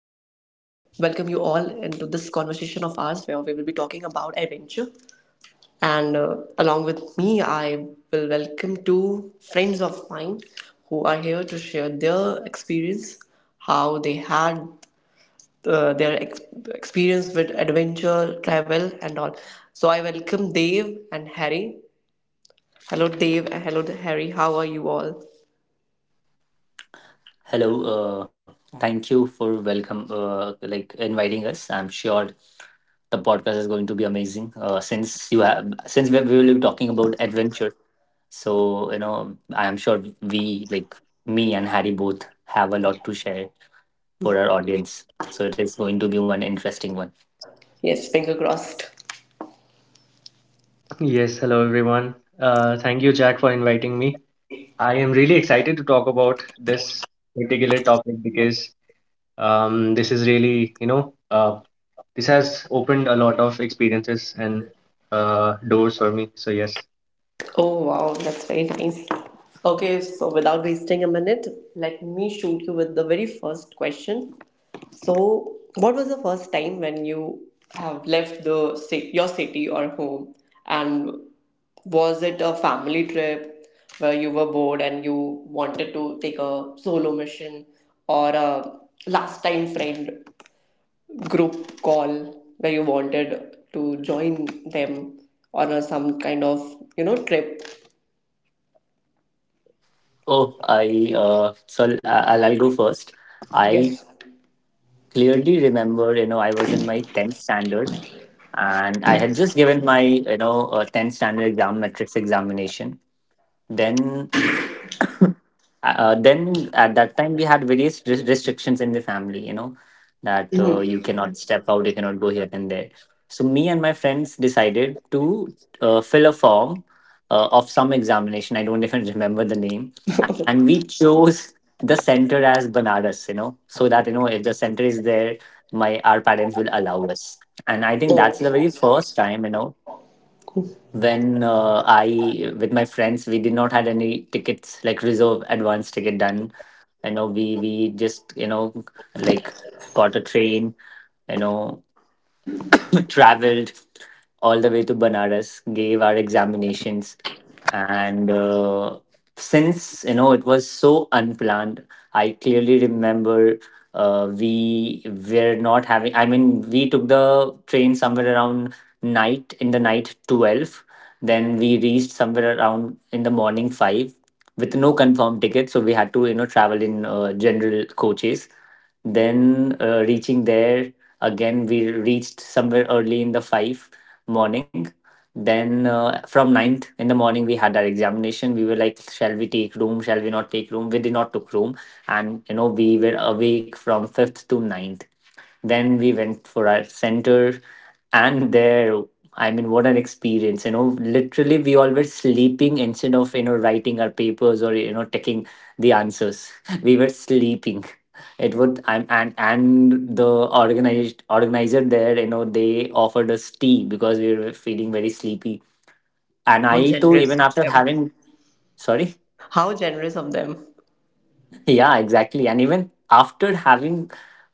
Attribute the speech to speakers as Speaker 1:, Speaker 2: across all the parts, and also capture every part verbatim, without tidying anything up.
Speaker 1: you all into this conversation of ours where we will be talking about adventure. And uh, along with me, I will welcome two friends of mine who are here to share their experience, how they had uh, their ex- experience with adventure, travel, and all. So I welcome Dave and Harry. Hello, Dave, and hello, Harry. How are you all?
Speaker 2: Hello, uh, thank you for welcome, uh, like inviting us. I'm sure the podcast is going to be amazing. Uh, since you have, since we, we will be talking about adventure, so you know, I'm sure we, like me and Harry, both have a lot to share for our audience. So it is going to be one interesting one.
Speaker 1: Yes, finger crossed.
Speaker 3: Yes, hello everyone. Uh, thank you, Jack, for inviting me. I am really excited to talk about this particular topic because um, this is really, you know, uh, this has opened a lot of experiences and uh, doors for me. So, yes.
Speaker 1: Oh wow, that's very nice. Okay, so without wasting a minute, let me shoot you with the very first question. So, what was the first time when you have left the ci- your city or home, and was it a family trip where you were bored and you wanted to take a solo mission, or a last time friend group call where you wanted to join them on a some kind of you know trip.
Speaker 2: Oh, I uh, So I'll, I'll I'll go first. I
Speaker 1: Yes.
Speaker 2: clearly remember, you know, I was in my tenth standard and I had just given my you know uh, tenth standard exam metrics examination. Then uh, then at that time we had various res- restrictions in the family, you know, that uh,
Speaker 1: Mhm.
Speaker 2: you cannot step out, you cannot go here and there. So me and my friends decided to uh, fill a form uh, of some examination. I don't even remember the name, and we chose the center as Banaras, you know, so that you know if the center is there, my our parents will allow us. And I think that's
Speaker 1: Oh,
Speaker 2: the very first time, you know, when uh, I with my friends we did not had any tickets like reserve advance ticket done. You know we we just you know like got a train. You know traveled all the way to Banaras, gave our examinations, and uh, since you know it was so unplanned, I clearly remember uh, we were not having. I mean, we took the train somewhere around night in the night twelve. Then we reached somewhere around in the morning five with no confirmed ticket, so we had to you know travel in uh, general coaches. Then uh, reaching there Again, we reached somewhere early in the five morning. Then uh, from ninth in the morning, we had our examination. We were like, shall we take room? Shall we not take room? We did not took room. And, you know, we were awake from fifth to ninth. Then we went for our center, and there, I mean, what an experience! You know, literally, we all were sleeping instead of you know writing our papers or you know taking the answers. We were sleeping. It would I'm and and The organized organizer there, you know, they offered us tea because we were feeling very sleepy. And
Speaker 1: how
Speaker 2: I too, even
Speaker 1: generous of
Speaker 2: after
Speaker 1: them.
Speaker 2: having, sorry.
Speaker 1: How generous of them.
Speaker 2: Yeah, exactly. And even after having,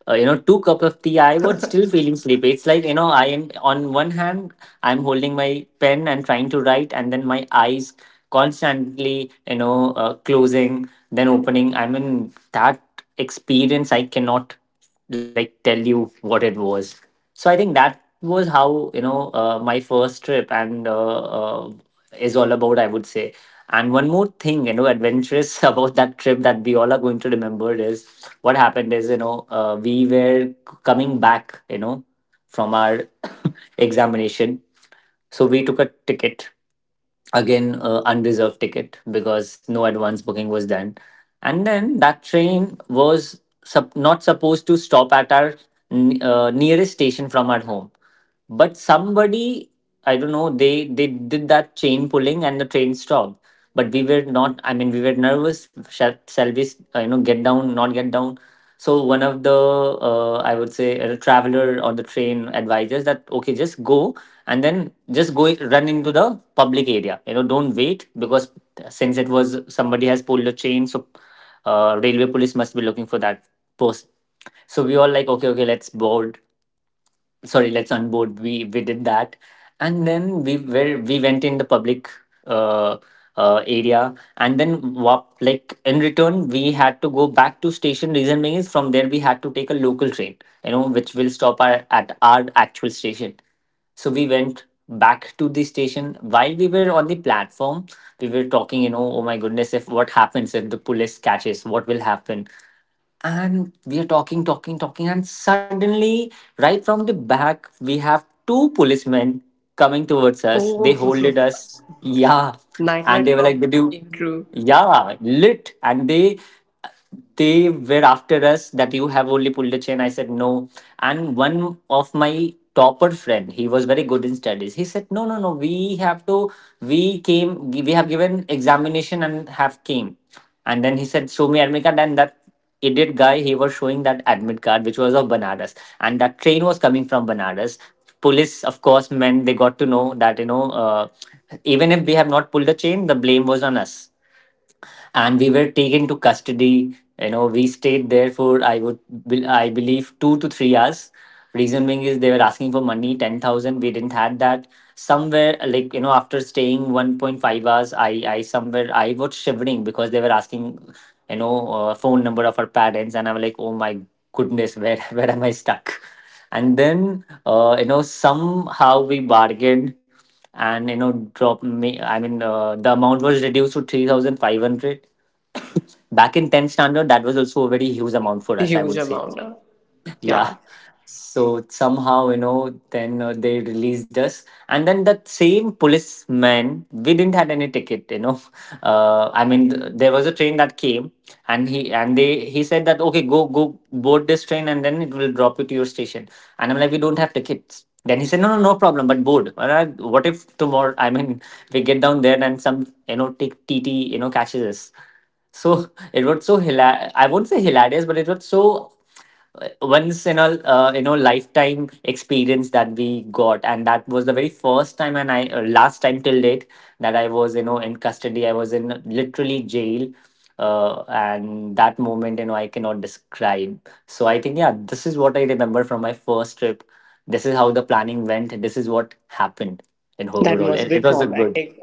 Speaker 2: uh, you know, two cup of tea, I was still feeling sleepy. It's like, you know, I am on one hand, I'm holding my pen and trying to write, and then my eyes constantly, you know, uh, closing, then opening. I mean, that experience, I cannot like tell you what it was. So I think that was how you know uh, my first trip and uh, uh, is all about, I would say. And one more thing, you know, adventurous about that trip that we all are going to remember is what happened is, you know, uh, we were coming back you know from our examination. So we took a ticket again, uh, unreserved ticket because no advance booking was done. And then that train was sup- not supposed to stop at our n- uh, nearest station from our home, but somebody, I don't know, they they did that chain pulling and the train stopped. But we were not, I mean we were nervous, shall, shall we uh, you know get down, not get down. So one of the uh, I would say a traveler on the train advises that okay, just go and then just go run into the public area, you know, don't wait because since it was somebody has pulled a chain, so uh, railway police must be looking for that person. So we all like, okay okay, let's board, sorry, let's unboard. we we did that, and then we were we went in the public uh, uh area. And then what, like in return we had to go back to station, reason being is from there we had to take a local train, you know, which will stop our, at our actual station. So we went back to the station. While we were on the platform, we were talking, you know, oh my goodness, if what happens if the police catches, what will happen. And we are talking talking talking, and suddenly right from the back we have two policemen coming towards us.
Speaker 1: Oh,
Speaker 2: They holded us, yeah.
Speaker 1: nightmare
Speaker 2: And they were
Speaker 1: come
Speaker 2: like, did you,
Speaker 1: came true.
Speaker 2: yeah lit and they they were after us that you have only pulled a chain. I said no. And one of my topper friend, he was very good in studies, he said, no no no, we have, to we came, we have given examination and have came. And then he said, show me admit. Then that idiot guy, he was showing that admit card, which was of Banaras, and that train was coming from Banaras. Police, of course, meant they got to know that you know, uh, even if we have not pulled the chain, the blame was on us, and we were taken to custody. You know, we stayed there for I would be- I believe two to three hours, reason being is they were asking for money, ten thousand, we didn't had that. Somewhere, like, you know, after staying one point five hours, i i somewhere I was shivering because they were asking you know uh, phone number of our parents. And I was like, oh my goodness, where where am I stuck. And then uh, you know, somehow we bargained and you know, drop me, I mean uh, the amount was reduced to three thousand five hundred. Back in tenth standard that was also a very huge amount for us, I
Speaker 1: Huge
Speaker 2: would say.
Speaker 1: amount. uh, Yeah,
Speaker 2: Yeah. So somehow, you know, then uh, they released us. And then that same policeman, we didn't had any ticket, you know, uh, I mean th- there was a train that came, and he and they he said that okay, go go board this train and then it will drop you to your station. And I'm like, we don't have tickets. Then he said, no no, no problem, but board. All right, what if tomorrow, I mean we get down there and some you know take t- tt you know catches us. So it was so hila- I won't say hilarious, but it was so once in a uh, you know lifetime experience that we got. And that was the very first time and I uh, last time till date that I was you know in custody, I was in literally jail. Uh, and that moment, you know, I cannot describe. So I think, yeah, this is what I remember from my first trip. This is how the planning went, this is what happened. In
Speaker 1: that
Speaker 2: overall
Speaker 1: must
Speaker 2: it,
Speaker 1: be
Speaker 2: it was a good.
Speaker 1: traumatic.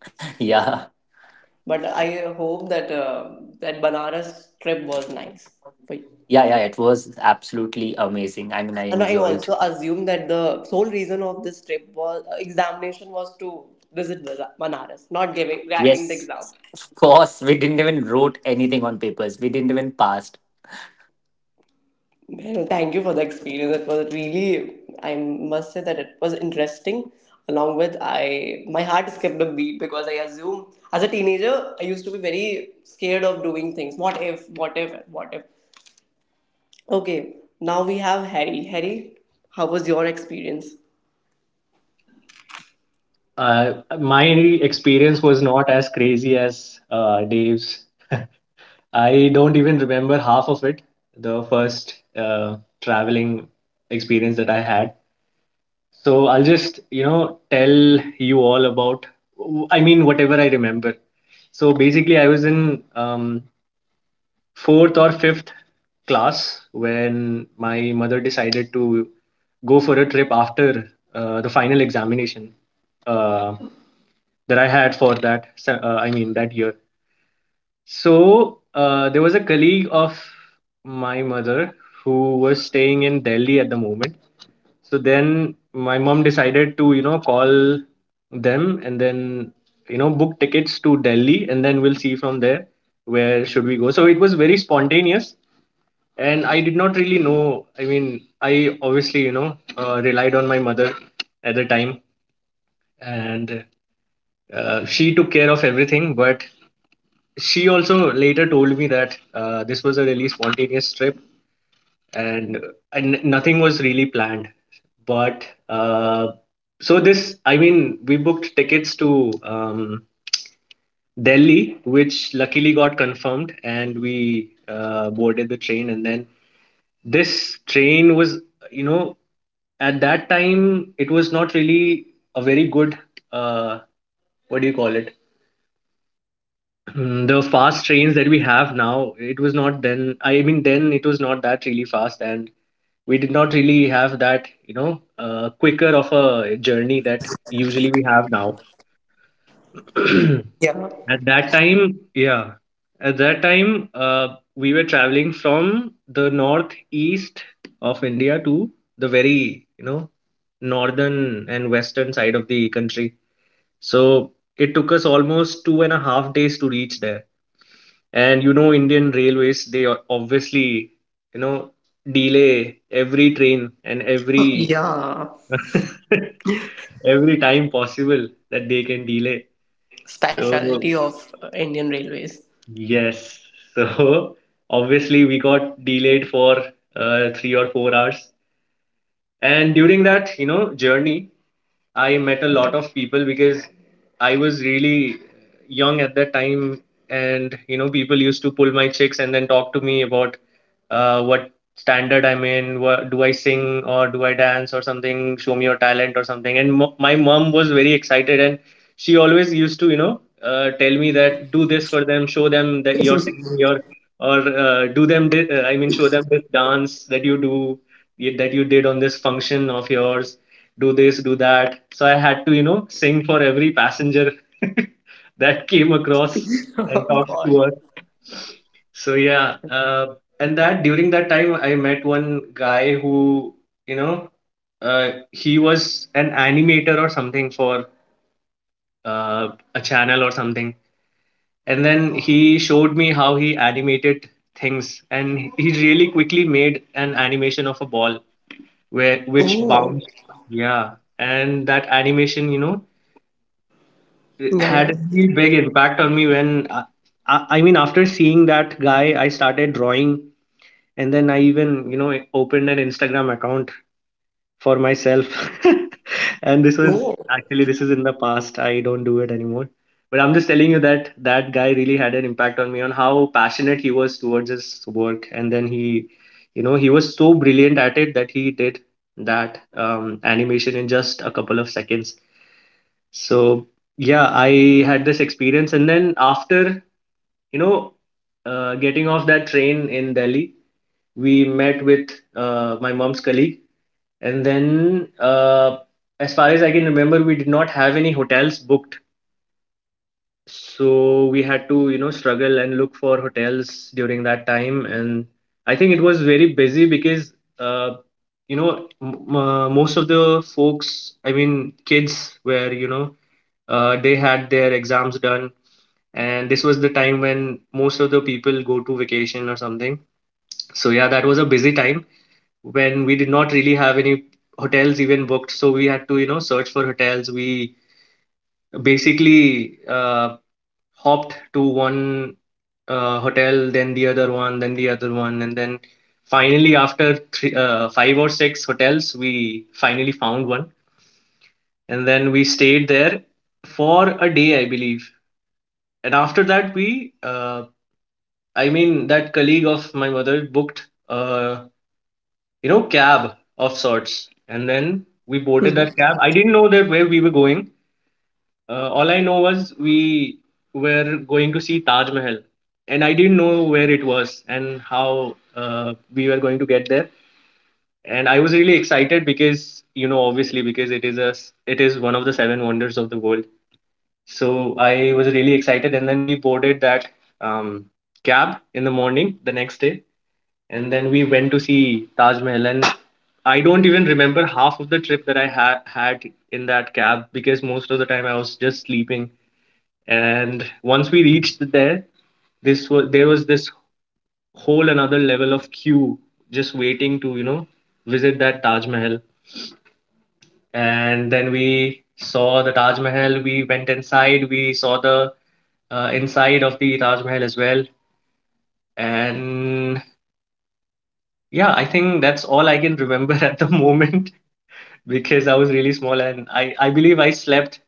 Speaker 2: Yeah.
Speaker 1: But I hope that uh, that Banaras trip was nice for you.
Speaker 2: Yeah, yeah, it was absolutely amazing, I mean I
Speaker 1: And I
Speaker 2: enjoyed.
Speaker 1: also assume that the sole reason of this trip was uh, examination was to visit Baza- Banaras, not giving, writing the
Speaker 2: Yes,
Speaker 1: exam.
Speaker 2: of course. We didn't even wrote anything on papers. We didn't even passed.
Speaker 1: Well, thank you for the experience. It was really, I must say that it was interesting. Along with I, my heart skipped a beat because I assume as a teenager I used to be very scared of doing things. What if? What if? What if? Okay, now we have Harry. Harry, how was your experience?
Speaker 3: Uh, my experience was not as crazy as uh, Dave's. I don't even remember half of it, the first uh, traveling experience that I had. So I'll just, you know, tell you all about, I mean, whatever I remember. So basically, I was in um, fourth or fifth class when my mother decided to go for a trip after uh, the final examination uh, that I had for that, se- uh, I mean, that year. So uh, there was a colleague of my mother who was staying in Delhi at the moment. So then my mom decided to, you know, call them and then, you know, book tickets to Delhi and then we'll see from there where should we go. So it was very spontaneous and I did not really know. I mean, I obviously, you know, uh, relied on my mother at the time and uh, she took care of everything, but she also later told me that uh, this was a really spontaneous trip and, and nothing was really planned but uh, so this i mean we booked tickets to um, Delhi, which luckily got confirmed, and we uh, boarded the train. And then this train was, you know, at that time, it was not really a very good uh, what do you call it? Mm, the fast trains that we have now, it was not then. I mean, then it was not that really fast, and we did not really have that, you know, uh, quicker of a journey that usually we have now.
Speaker 1: Yeah.
Speaker 3: At that time, yeah, at that time, uh, we were traveling from the northeast of India to the very, you know, northern and western side of the country. So it took us almost two and a half days to reach there. And you know, Indian Railways, they are obviously, you know, delay every train and every
Speaker 1: Yeah,
Speaker 3: every time possible that they can delay. So
Speaker 1: specialty of uh, Indian Railways.
Speaker 3: yes, so obviously we got delayed for uh, three or four hours. And during that, you know, journey, I met a lot of people because I was really young at that time, and you know, people used to pull my chicks and then talk to me about uh, what standard I'm in, what, do I sing or do I dance or something, show me your talent or something. And mo my mom was very excited, and she always used to, you know, uh, tell me that do this for them, show them that you're singing your, or uh, do them, thi- uh, I mean, show them this dance that you do, y- that you did on this function of yours, do this, do that. So I had to, you know, sing for every passenger that came across and
Speaker 1: Oh,
Speaker 3: talked to
Speaker 1: God.
Speaker 3: us. So yeah, uh, and that during that time, I met one guy who, you know, uh, he was an animator or something for uh, a channel or something. And then he showed me how he animated things, and he really quickly made an animation of a ball where which
Speaker 1: Oh,
Speaker 3: bounced. Yeah, and that animation, you know,
Speaker 1: yeah,
Speaker 3: had
Speaker 1: yeah.
Speaker 3: a really big impact on me. When I, I I mean after seeing that guy, I started drawing, and then I even, you know, opened an Instagram account for myself. And this was
Speaker 1: Oh.
Speaker 3: actually, this is in the past, I don't do it anymore, but I'm just telling you that that guy really had an impact on me, on how passionate he was towards his work. And then he, you know, he was so brilliant at it that he did that um, animation in just a couple of seconds. So yeah, I had this experience, and then after, you know, uh, getting off that train in Delhi, we met with uh, my mom's colleague. And then uh, as far as I can remember, we did not have any hotels booked, so we had to, you know, struggle and look for hotels during that time. And I think it was very busy because uh, you know, m- uh, most of the folks, I mean kids, were, you know, uh, they had their exams done, and this was the time when most of the people go to vacation or something. So yeah, that was a busy time when we did not really have any hotels even booked, so we had to, you know, search for hotels. We basically uh, hopped to one uh, hotel, then the other one, then the other one, and then finally after three, uh, five or six hotels, we finally found one, and then we stayed there for a day, I believe. And after that, we uh, I mean, that colleague of my mother booked, uh, you know, cab of sorts, and then we boarded that cab. I didn't know that where we were going. Uh, all I know was we were going to see Taj Mahal, and I didn't know where it was and how uh, we were going to get there. And I was really excited because, you know, obviously because it is a s- it is one of the seven wonders of the world. So I was really excited, and then we boarded that um, cab in the morning the next day, and then we went to see Taj Mahal. And I don't even remember half of the trip that I ha- had in that cab because most of the time I was just sleeping. And once we reached there, this was there was this whole another level of queue just waiting to, you know, visit that Taj Mahal. And then we saw the Taj Mahal, we went inside, we saw the uh, inside of the Taj Mahal as well. And yeah, I think that's all I can remember at the moment, because I was really small, and I, I believe I slept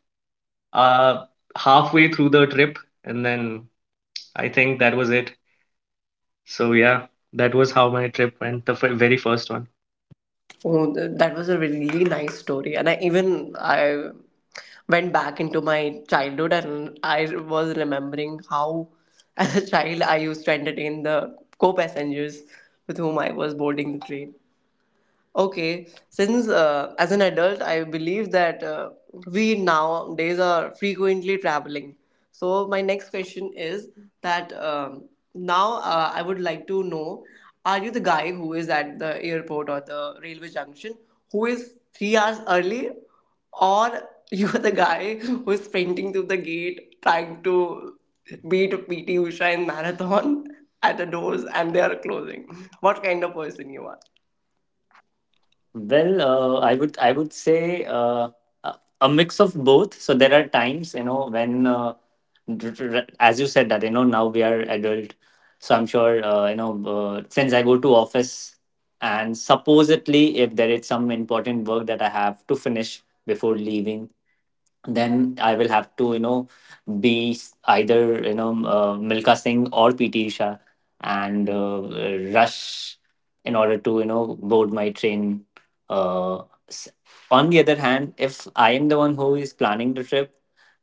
Speaker 3: uh, halfway through the trip, and then I think that was it. So yeah, that was how my trip went, the f- very first one.
Speaker 1: Oh, th- that was a really nice story. And I even I went back into my childhood and I was remembering how as a child I used to entertain the co-passengers with whom I was boarding the train. Okay, since uh, as an adult, I believe that uh, we nowadays are frequently traveling. So my next question is that um, now uh, I would like to know: are you the guy who is at the airport or the railway junction who is three hours early, or you are the guy who is sprinting through the gate trying to beat P T Usha in marathon at the doors and they are closing? What kind of person you are?
Speaker 2: Well, uh, I would I would say uh, a a mix of both. So there are times you know when, uh, r- r- as you said that you know now we are adult. So I'm sure uh, you know uh, since I go to office and supposedly if there is some important work that I have to finish before leaving, then I will have to, you know, be s- either, you know, uh, Milka Singh or P T Usha and uh, uh, rush in order to, you know, board my train. Uh, s- on the other hand, if I am the one who is planning the trip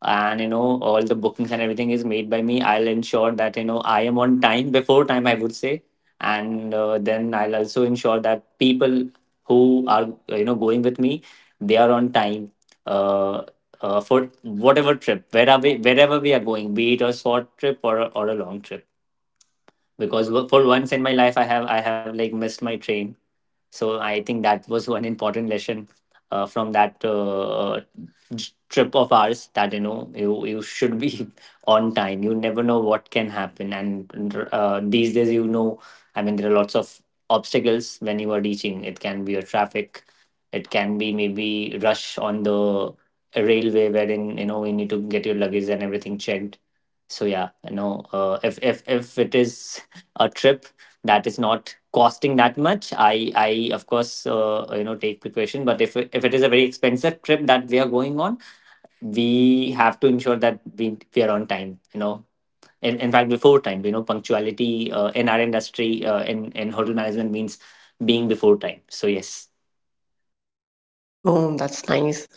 Speaker 2: and, you know, all the bookings and everything is made by me, I'll ensure that, you know, I am on time, before time, I would say. And uh, then I'll also ensure that people who are, uh, you know, going with me, they are on time uh, uh, for whatever trip, wherever we, wherever we are going, be it a short trip or a, or a long trip because wo- for once in my life i have I have like missed my train. So I think that was one important lesson uh, from that uh, uh, j- trip of ours. That you know you, you should be on time. You never know what can happen. And uh, these days, you know, I mean there are lots of obstacles when you are reaching. It can be a traffic, it can be maybe rush on the railway, wherein you know you need to get your luggage and everything checked. So yeah, you know, uh, if if if it is a trip that is not costing that much, i i of course uh, you know take precaution. But if if it is a very expensive trip that we are going on, we have to ensure that we we are on time, you know, in, in fact before time. You know, punctuality uh, in our industry, uh, in in hotel management means being before time. So yes.
Speaker 1: Oh, that's nice.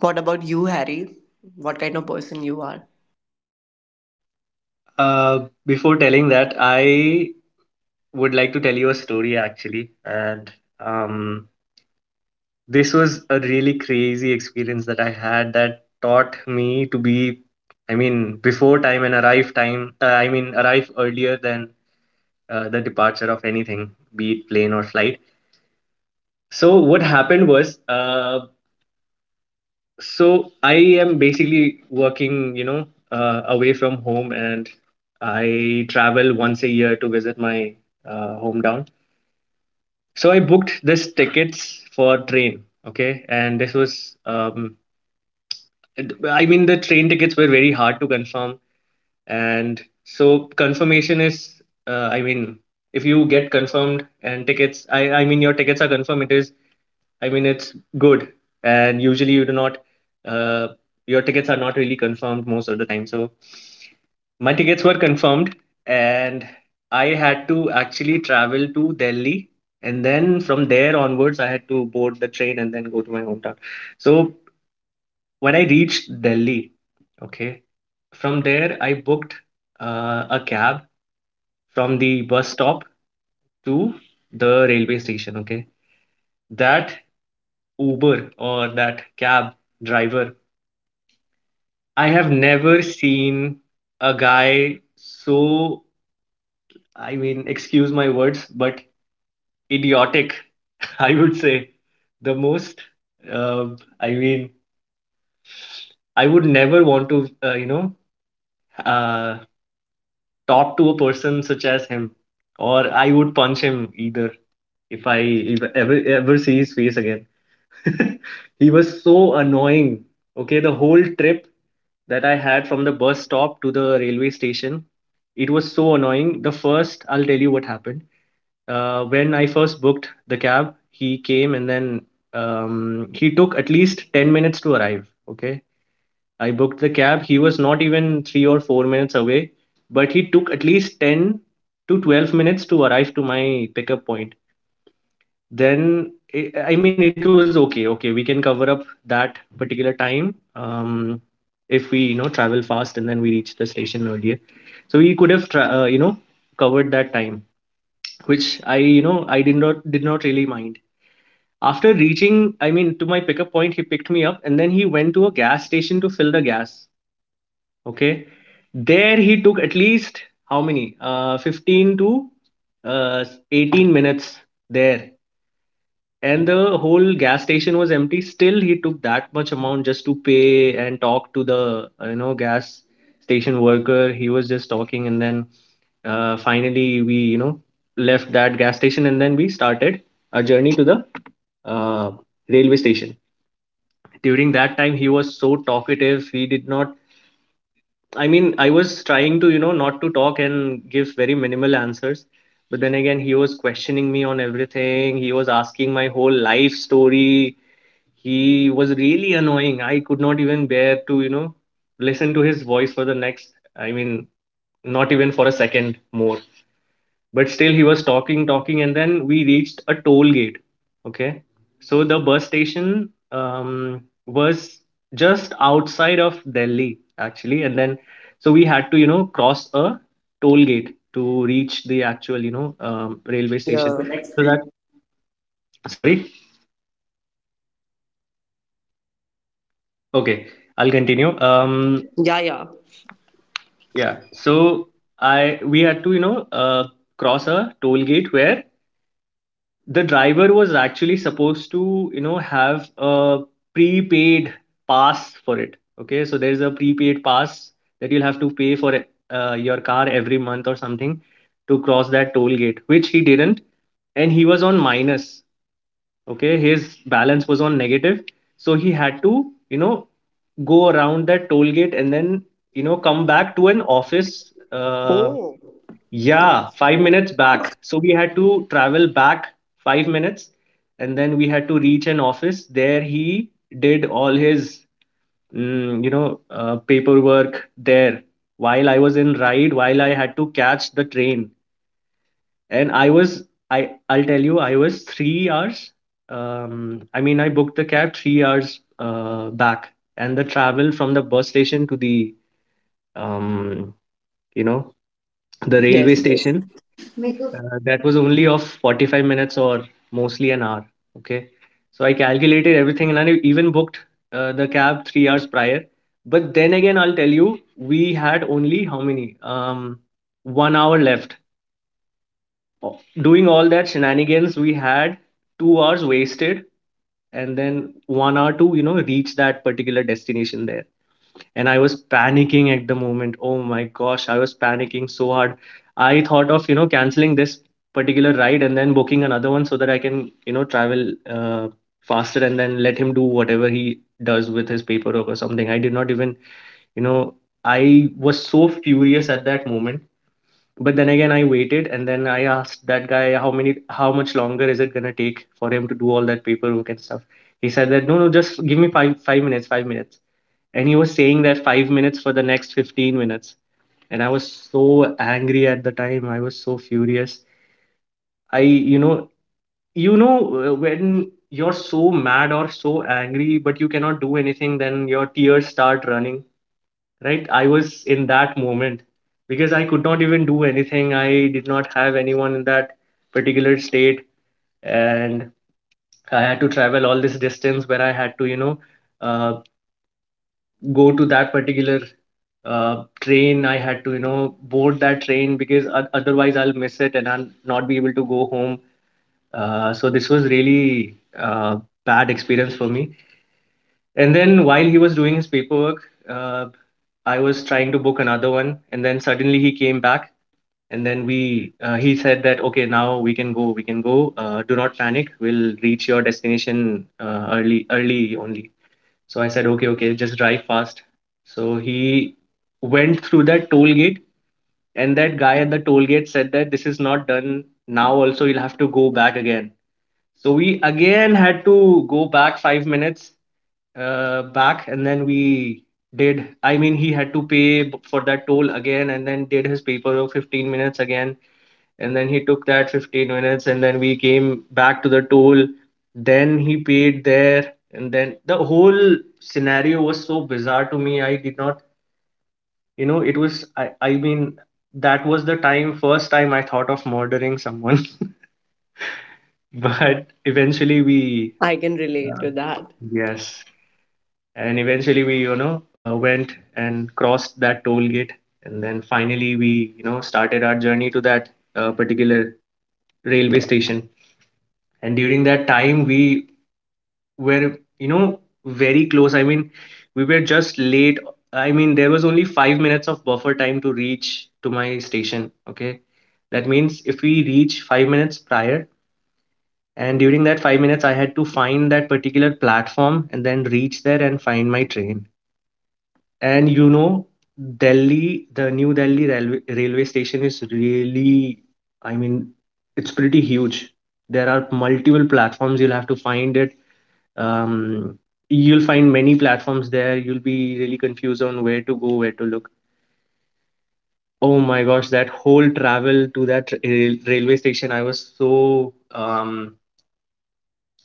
Speaker 1: What about you, Harry? What kind of person you are?
Speaker 3: Uh, before telling that, I would like to tell you a story actually. And um, this was a really crazy experience that I had that taught me to be, I mean, before time and arrive time, uh, I mean, arrive earlier than uh, the departure of anything, be it plane or flight. So what happened was, uh, so I am basically working, you know, uh, away from home, and I travel once a year to visit my uh, hometown. So I booked this tickets for train. Okay, and this was, um, it- I mean, the train tickets were very hard to confirm, and so confirmation is, uh, I mean, if you get confirmed and tickets, I I mean, your tickets are confirmed. It is. I mean, it's good, and usually you do not, uh, your tickets are not really confirmed most of the time. So my tickets were confirmed, and I had to actually travel to Delhi, and then from there onwards, I had to board the train and then go to my hometown. So when I reached Delhi, okay, from there I booked uh, a cab from the bus stop to the railway station. Okay, that Uber or that cab driver, I have never seen a guy so, I mean, excuse my words, but idiotic, I would say. The most, uh, I mean, I would never want to, uh, you know, uh, talk to a person such as him, or I would punch him either if I if I ever ever see his face again. He was so annoying. Okay, the whole trip that I had from the bus stop to the railway station, it was so annoying. The first, I'll tell you what happened. Uh, when I first booked the cab, he came and then um, he took at least ten minutes to arrive. Okay. I booked the cab. He was not even three or four minutes away, but he took at least ten to twelve minutes to arrive to my pickup point. Then I I mean, it was okay. Okay, we can cover up that particular time. Um if we, you know travel fast and then we reach the station earlier, so we could have tra- uh, you know covered that time, which I you know I did not did not really mind. After reaching, i mean to my pickup point, he picked me up and then he went to a gas station to fill the gas. Okay. There he took at least, how many, uh fifteen to uh eighteen minutes there. And the whole gas station was empty, still he took that much amount just to pay and talk to the uh, you know gas station worker. He was just talking, and then uh, finally we, you know left that gas station and then we started our journey to the uh, railway station. During that time he was so talkative. He did not, i mean I was trying to, you know not to talk and give very minimal answers, but then again he was questioning me on everything. He was asking my whole life story. He was really annoying. I could not even bear to, you know listen to his voice for the next, I mean, not even for a second more. But still he was talking talking and then we reached a toll gate. Okay. So the bus station um, was just outside of Delhi, actually. And then, so we had to, you know cross a toll gate to reach the actual, you know um, railway
Speaker 1: Yeah.
Speaker 3: station.
Speaker 1: So next
Speaker 3: So
Speaker 1: week.
Speaker 3: that— sorry. Okay, I'll continue. um
Speaker 1: Yeah, yeah.
Speaker 3: Yeah. So I we had to, you know, uh, cross a toll gate where the driver was actually supposed to, you know, have a prepaid pass for it. Okay. So there's a prepaid pass that you'll have to pay for, uh, your car every month or something, to cross that toll gate, which he didn't. And he was on minus. Okay, his balance was on negative. So he had to, you know, go around that toll gate and then, you know, come back to an office. uh
Speaker 1: Oh,
Speaker 3: yeah, five minutes back. So we had to travel back five minutes and then we had to reach an office. There he did all his mm, you know uh, paperwork there, while I was in ride, while I had to catch the train. And I was— i I'll tell you, I was three hours— um I mean, I booked the cab three hours uh, back, and the travel from the bus station to the um you know the railway
Speaker 1: yes, yes.
Speaker 3: station, uh, that was only of forty-five minutes or mostly an hour. Okay. So I calculated everything and I even booked uh, the cab three hours prior. But then again, I'll tell you, we had only, how many, um one hour left. Doing all that shenanigans, we had two hours wasted, and then one hour to, you know reach that particular destination there. And I was panicking at the moment. Oh my gosh, I was panicking so hard. I thought of, you know canceling this particular ride and then booking another one, so that I can, you know travel uh, faster, and then let him do whatever he does with his paperwork or something. I did not even, you know I was so furious at that moment. But then again, I waited, and then I asked that guy, how many— how much longer is it going to take for him to do all that paperwork and stuff. He said that no, no, just give me 5 5 minutes, five minutes. And he was saying that five minutes for the next fifteen minutes. And I was so angry at the time, I was so furious. I you know you know uh, when you're so mad or so angry, but you cannot do anything, then your tears start running, right? I was in that moment, because I could not even do anything. I did not have anyone in that particular state, and I had to travel all this distance where I had to, you know, uh, go to that particular uh, train. I had to, you know, board that train, because o- otherwise I'll miss it and I'll not be able to go home. Uh, so this was really uh, bad experience for me. And then while he was doing his paperwork, uh, I was trying to book another one. And then suddenly he came back, and then we uh, he said that okay, now we can go, we can go. Uh, do not panic. We'll reach your destination uh, early, early only. So I said, okay, okay, just drive fast. So he went through that toll gate, and that guy at the toll gate said that this is not done now. Also, you'll have to go back again. So we again had to go back five minutes uh, back, and then we did I mean he had to pay b- for that toll again, and then did his paperwork fifteen minutes again. And then he took that fifteen minutes and then we came back to the toll, then he paid there. And then the whole scenario was so bizarre to me. I did not, you know it was i, I mean, that was the time— first time I thought of murdering someone. But eventually we—
Speaker 1: I can relate to that.
Speaker 3: yes. And eventually we, you know uh, went and crossed that toll gate. And then finally we, you know started our journey to that uh, particular railway station. And during that time we were, you know very close. I mean, we were just late. I mean, there was only five minutes of buffer time to reach to my station. Okay, that means if we reach five minutes prior, and during that five minutes I had to find that particular platform and then reach there and find my train. And you know, Delhi, the new Delhi railway, railway station is really, I mean, it's pretty huge. There are multiple platforms. You'll have to find it. Um, you'll find many platforms there. You'll be really confused on where to go, where to look. Oh my gosh, that whole travel to that rail railway station, I was so um,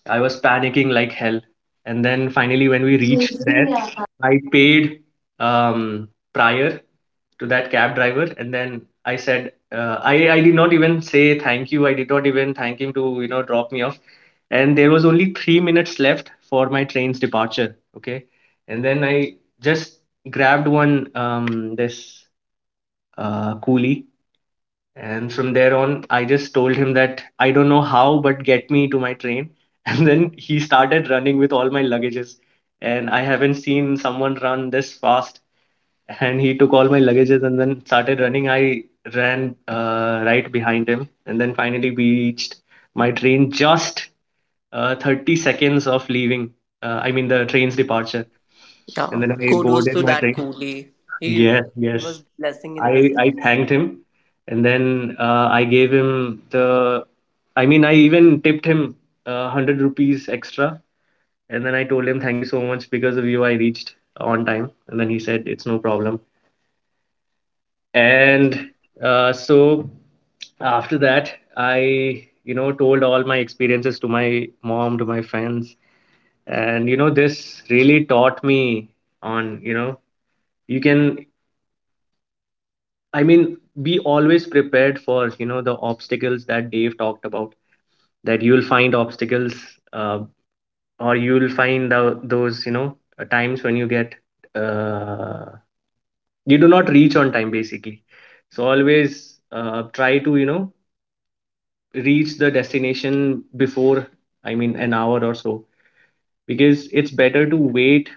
Speaker 3: I was panicking like hell. And then finally, when we reached there, I paid um, prior to that cab driver, and then I said, uh, I I did not even say thank you. I did not even thank him, to, you know drop me off. And there was only three minutes left for my train's departure. Okay, and then I just grabbed one, um, this uh, coolie, and from there on, I just told him that I don't know how, but get me to my train. And then he started running with all my luggages. And I haven't seen someone run this fast. And he took all my luggages and then started running. I ran uh, right behind him. And then finally, we reached my train just uh, thirty seconds of leaving. Uh, I mean, the train's departure.
Speaker 1: Yeah.
Speaker 3: And then I
Speaker 1: Kudos
Speaker 3: boarded
Speaker 1: to
Speaker 3: my
Speaker 1: that
Speaker 3: train.
Speaker 1: coolie. He
Speaker 3: Yes,
Speaker 1: he was
Speaker 3: yes.
Speaker 1: blessing in a
Speaker 3: I I
Speaker 1: disguise.
Speaker 3: thanked him, and then uh, I gave him the— I mean, I even tipped him uh, hundred rupees extra, and then I told him thank you so much, because of you I reached on time. And then he said, it's no problem. And uh, so after that, I, you know told all my experiences to my mom, to my friends. And you know, this really taught me on, you know you can— I mean, be always prepared for, you know, the obstacles that Dave talked about, that you'll find obstacles, uh, or you'll find the, those, you know, uh, times when you get, uh, you do not reach on time, basically. So always, uh, try to, you know, reach the destination before, I mean, an hour or so, because it's better to wait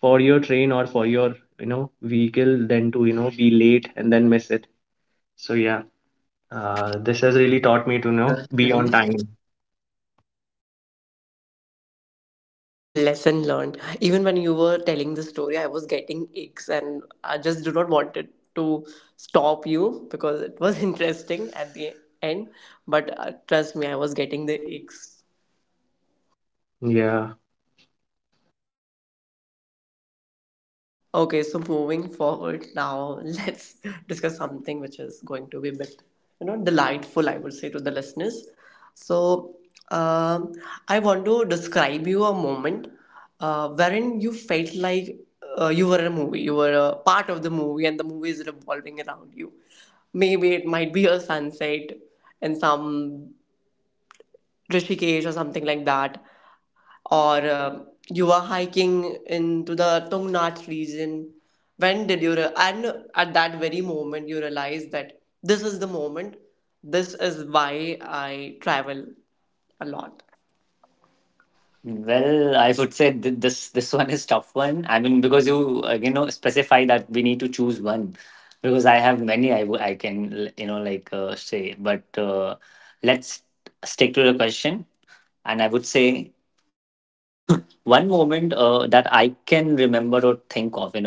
Speaker 3: for your train or for your, you know, vehicle, than to, you know, be late and then miss it. So, yeah. Uh, this has really taught me to, you know
Speaker 1: Uh,
Speaker 3: be
Speaker 1: really?
Speaker 3: on time.
Speaker 1: Lesson learned. Even when you were telling the story, I was getting aches and I just do not wanted to stop you because it was interesting at the end. But uh, trust me, I was getting the aches.
Speaker 3: Yeah.
Speaker 1: Okay, so moving forward now, let's discuss something which is going to be a bit, you know, delightful, I would say, to the listeners. So, um, I want to describe you a moment uh, wherein you felt like uh, you were in a movie, you were a part of the movie, and the movie is revolving around you. Maybe it might be a sunset in some Rishikesh or something like that, or um you were hiking into the Tungnath region. When did you re- and at that very moment you realized that this is the moment, this is why I travel a lot.
Speaker 2: Well, I would say th- this this one is tough one. I mean, because you uh, you know specify that we need to choose
Speaker 3: Dave, would
Speaker 2: one,
Speaker 3: you like to go
Speaker 2: because I
Speaker 3: first
Speaker 2: have
Speaker 3: or
Speaker 2: many
Speaker 3: should
Speaker 2: I
Speaker 3: I?
Speaker 2: w- I can l- you know like uh, say. But uh, let's stick to the question. And I would say one moment uh, that I can remember or think of, you know.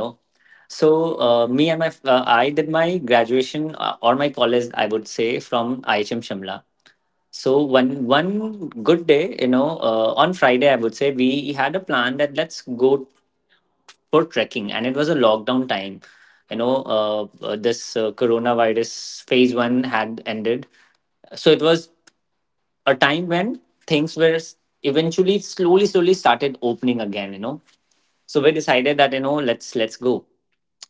Speaker 2: So uh, me and my f- uh, I did my graduation uh, or my college, I would say, from I H M Shimla. So one one good day, you know, uh, on Friday, I would say we had a plan that let's go for trekking, and it was a lockdown time. You know, uh, uh, this uh, coronavirus phase one had ended. So it was a time when things were s- eventually slowly, slowly started opening again. You know, so we decided that you know let's let's go.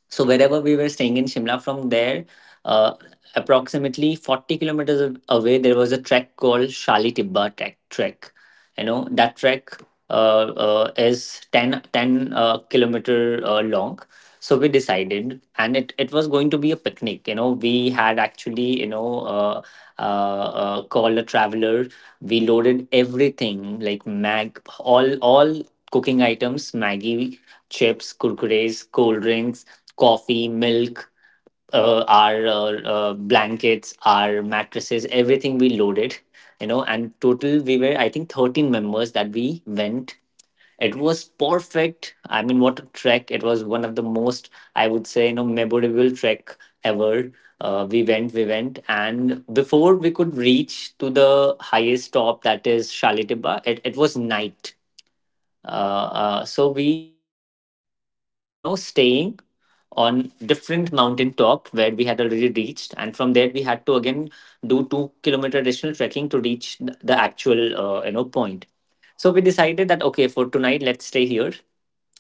Speaker 2: So wherever we were staying in Shimla, from there, uh, approximately forty kilometers a- away, there was a trek called Shali Tibba Trek. Trek, you know that trek uh, uh, is ten ten uh, kilometer uh, long. So we decided, and it it was going to be a picnic. You know, we had actually you know uh, uh, uh, called a traveler. We loaded everything like mag, all all cooking items, Maggie, chips, kurkures, cold drinks, coffee, milk, uh, our uh, uh, blankets, our mattresses, everything we loaded, you know. And total we were, I think, thirteen members that we went. It was perfect. I mean, what a trek. It was one of the most, I would say, you know, memorable trek ever. Uh, we went, we went, and before we could reach to the highest top, that is Shalitibba, it, it was night. Uh, uh, so we thought of you know staying on different mountain top where we had already reached, and from there we had to again do two kilometer additional trekking to reach th- the actual uh, you know point. So we decided that okay, for tonight let's stay here.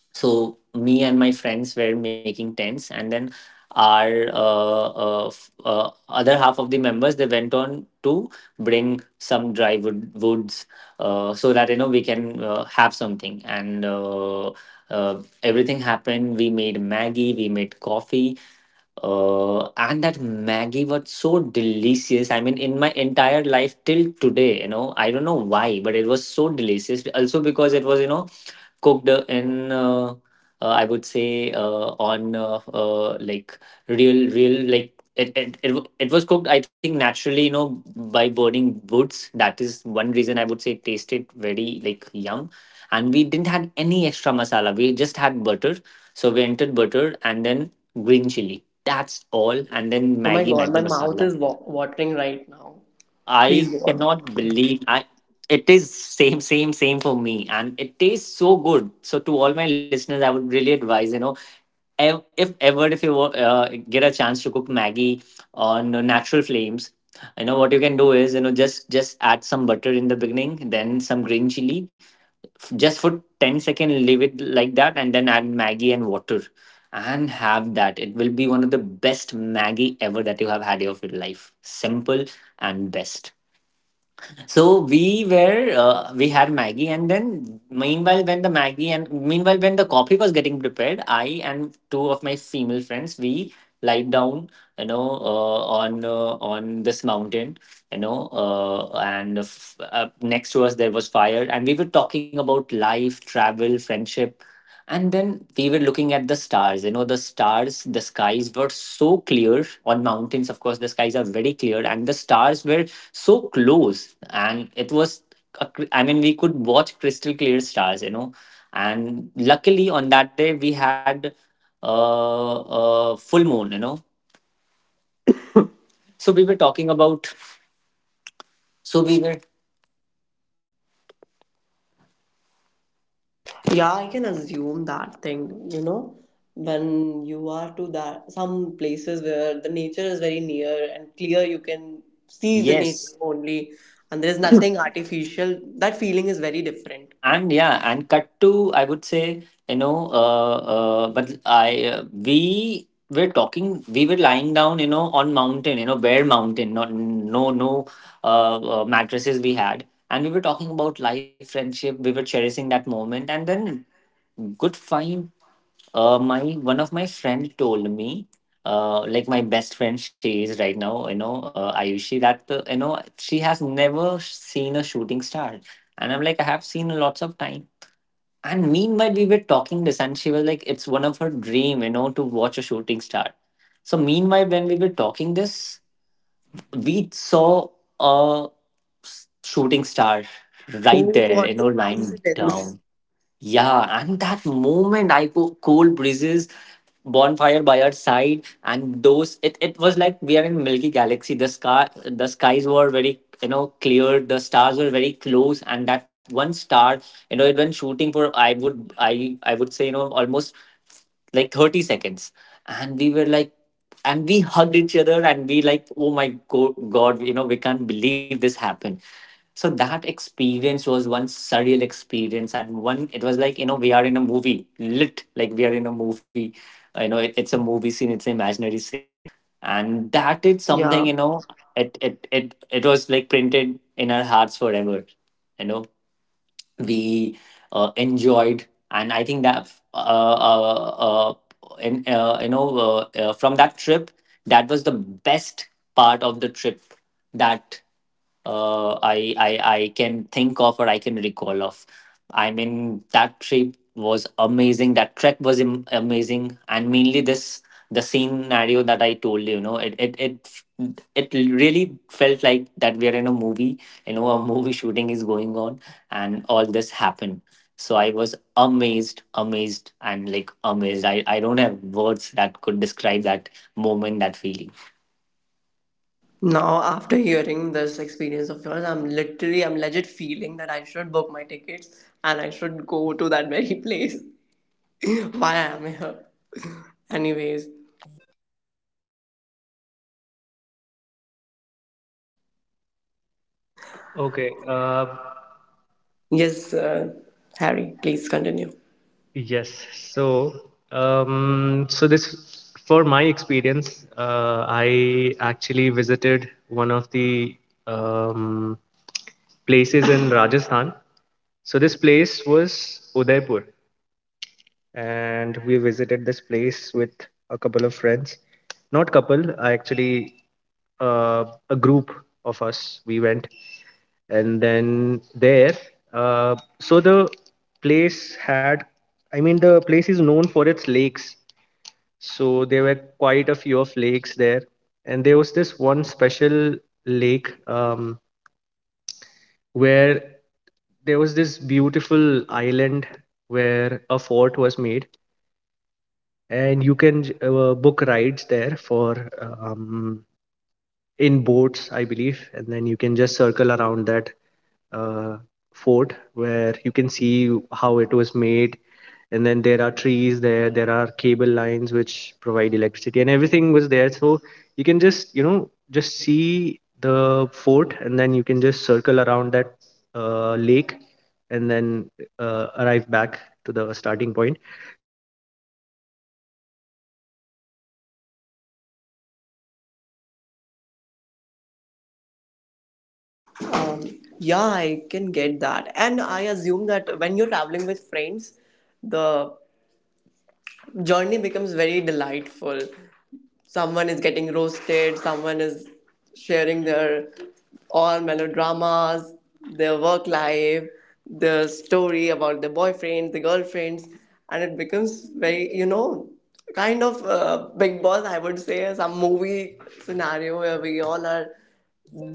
Speaker 2: So me and my friends were making tents, and then our uh, uh, f- uh, other half of the members they went on to bring some dry wood woods, uh, so that you know we can uh, have something. And Uh, uh, everything happened. We made Maggie, we made coffee, uh, and that Maggie was so delicious. I mean, in my entire life till today, you know, I don't know why, but it was so delicious. Also because it was, you know, cooked uh, in uh, uh, I would say uh, on uh, uh, like real real like it, it, it, w- it was cooked I think naturally, you know, by burning woods. That is one reason I would say it tasted very like yum. And we didn't had any extra masala, we just had butter. So we entered butter and then green chili, that's all, and then
Speaker 1: Oh my
Speaker 2: Maggie
Speaker 1: god,
Speaker 2: Maggie
Speaker 1: my mouth
Speaker 2: masala.
Speaker 1: is wa- watering right now. Please
Speaker 2: I
Speaker 1: go on.
Speaker 2: cannot believe I... It is same same same for me, and it tastes so good. So to all my listeners I would really advise, you know, ev- if ever if you wa- uh, get a chance to cook Maggie on natural flames, you know what you can do is, you know, just just add some butter in the beginning, then some green chili, just for ten seconds, leave it like that and then add Maggie and water and have that. It will be one of the best Maggie ever that you have had of your life. Simple and best. So we were uh, we had Maggie, and then meanwhile, when the Maggie and meanwhile when the coffee was getting prepared, I and two of my female friends we lied down, you know, uh, on uh, on this mountain, you know, uh, and f- uh, next to us there was fire, and we were talking about life, travel, friendship. And then we were looking at the stars. You know, the stars, the skies were so clear on mountains. Of course, the skies are very clear, and the stars were so close. And it was a cr- I mean we could watch crystal clear stars, you know. And luckily on that day we had uh, a full moon, you know. So we were talking about so we were
Speaker 1: Yeah, I can assume that thing, you know, when you are to that some places where the nature is very near and clear, you can see the nature
Speaker 2: yes.
Speaker 1: only, and there is nothing artificial. That feeling is very different.
Speaker 2: And yeah, and cut to, I would say, you know, uh, uh, but I uh, we were talking, we were lying down, you know, on mountain, you know, bare mountain, not no no uh, uh, mattresses we had. And we were talking about life, friendship. We were cherishing that moment, and then good find. Uh, my one of my friend told me, Uh, like my best friend, she is right now, you know, uh, Ayushi, that, uh, you know, she has never seen a shooting star. And I'm like, I have seen lots of time. And meanwhile, we were talking this, and she was like, "It's one of her dream, you know, to watch a shooting star." So meanwhile, when we were talking this, we saw a s- shooting star
Speaker 1: Oh,
Speaker 2: right there,
Speaker 1: what
Speaker 2: you
Speaker 1: a
Speaker 2: know, lying
Speaker 1: coincidence.
Speaker 2: down. Yeah, and that moment I go cold breezes, bonfire by our side, and those it, it was like we are in Milky Galaxy. The sky the skies were very you know clear, the stars were very close, and that one star, you know, it went shooting for I would I I would say, you know, almost like thirty seconds. And we were like, and we hugged each other and we like, oh my go- god, you know, we can't believe this happened. So that experience was one surreal experience. And one, it was like, you know, we are in a movie, lit like we are in a movie. Uh, you know, it, it's a movie scene, it's an imaginary scene. And that is something,
Speaker 1: Yeah.
Speaker 2: you know, it it it, it was like printed in our hearts forever, you know. We uh, enjoyed. And I think that uh, uh, uh, in, uh, you know uh, uh, from that trip, that was the best part of the trip that uh, I, I I can think of or I can recall of. I mean, that trip was amazing. That trek was am- amazing. And mainly this, the scenario that I told you. You know, it it it it really felt like that we are in a movie. You know, a movie shooting is going on, and all this happened. So I was amazed, amazed and like amazed. i, I don't have words that could describe that moment, that feeling.
Speaker 1: Now, after hearing this experience of yours, I'm literally, I'm legit feeling that I should book my tickets and I should go to that very place. Why I am here. Anyways,
Speaker 3: Okay. Uh,
Speaker 1: yes, uh, Harry, please continue.
Speaker 3: yes. So, um, so this for my experience, uh, I actually visited one of the um, places in Rajasthan. So this place was Udaipur, and we visited this place with a couple of friends. Not couple, I actually uh, a group of us. We went, and then there uh, so the place had, i mean the place is known for its lakes. So there were quite a few of lakes there. And there was this one special lake, um, where there was this beautiful island where a fort was made. And you can, uh, book rides there for, um, in boats, I believe. And then you can just circle around that uh, fort, where you can see how it was made. And then there are trees there, there are cable lines which provide electricity, and everything was there. So you can just, you know, just see the fort, and then you can just circle around that uh, lake, and then uh, arrive back to the starting point. So that was really beautiful. And so that time when we visited there, uh, it was the time of, i mean it was
Speaker 1: Um,
Speaker 3: evening,
Speaker 1: yeah,
Speaker 3: almost
Speaker 1: I can
Speaker 3: evening-ish.
Speaker 1: get that. And I
Speaker 3: And
Speaker 1: assume that
Speaker 3: so
Speaker 1: when
Speaker 3: the—
Speaker 1: you're
Speaker 3: there was
Speaker 1: traveling
Speaker 3: this
Speaker 1: with
Speaker 3: sunset
Speaker 1: friends, the
Speaker 3: and—
Speaker 1: journey becomes very delightful. Someone is getting roasted, someone is sharing their all melodramas, their work life, their story about their boyfriends, the girlfriends, and it becomes very, you know, kind of uh, Big Boss, I would say, some movie scenario where we all are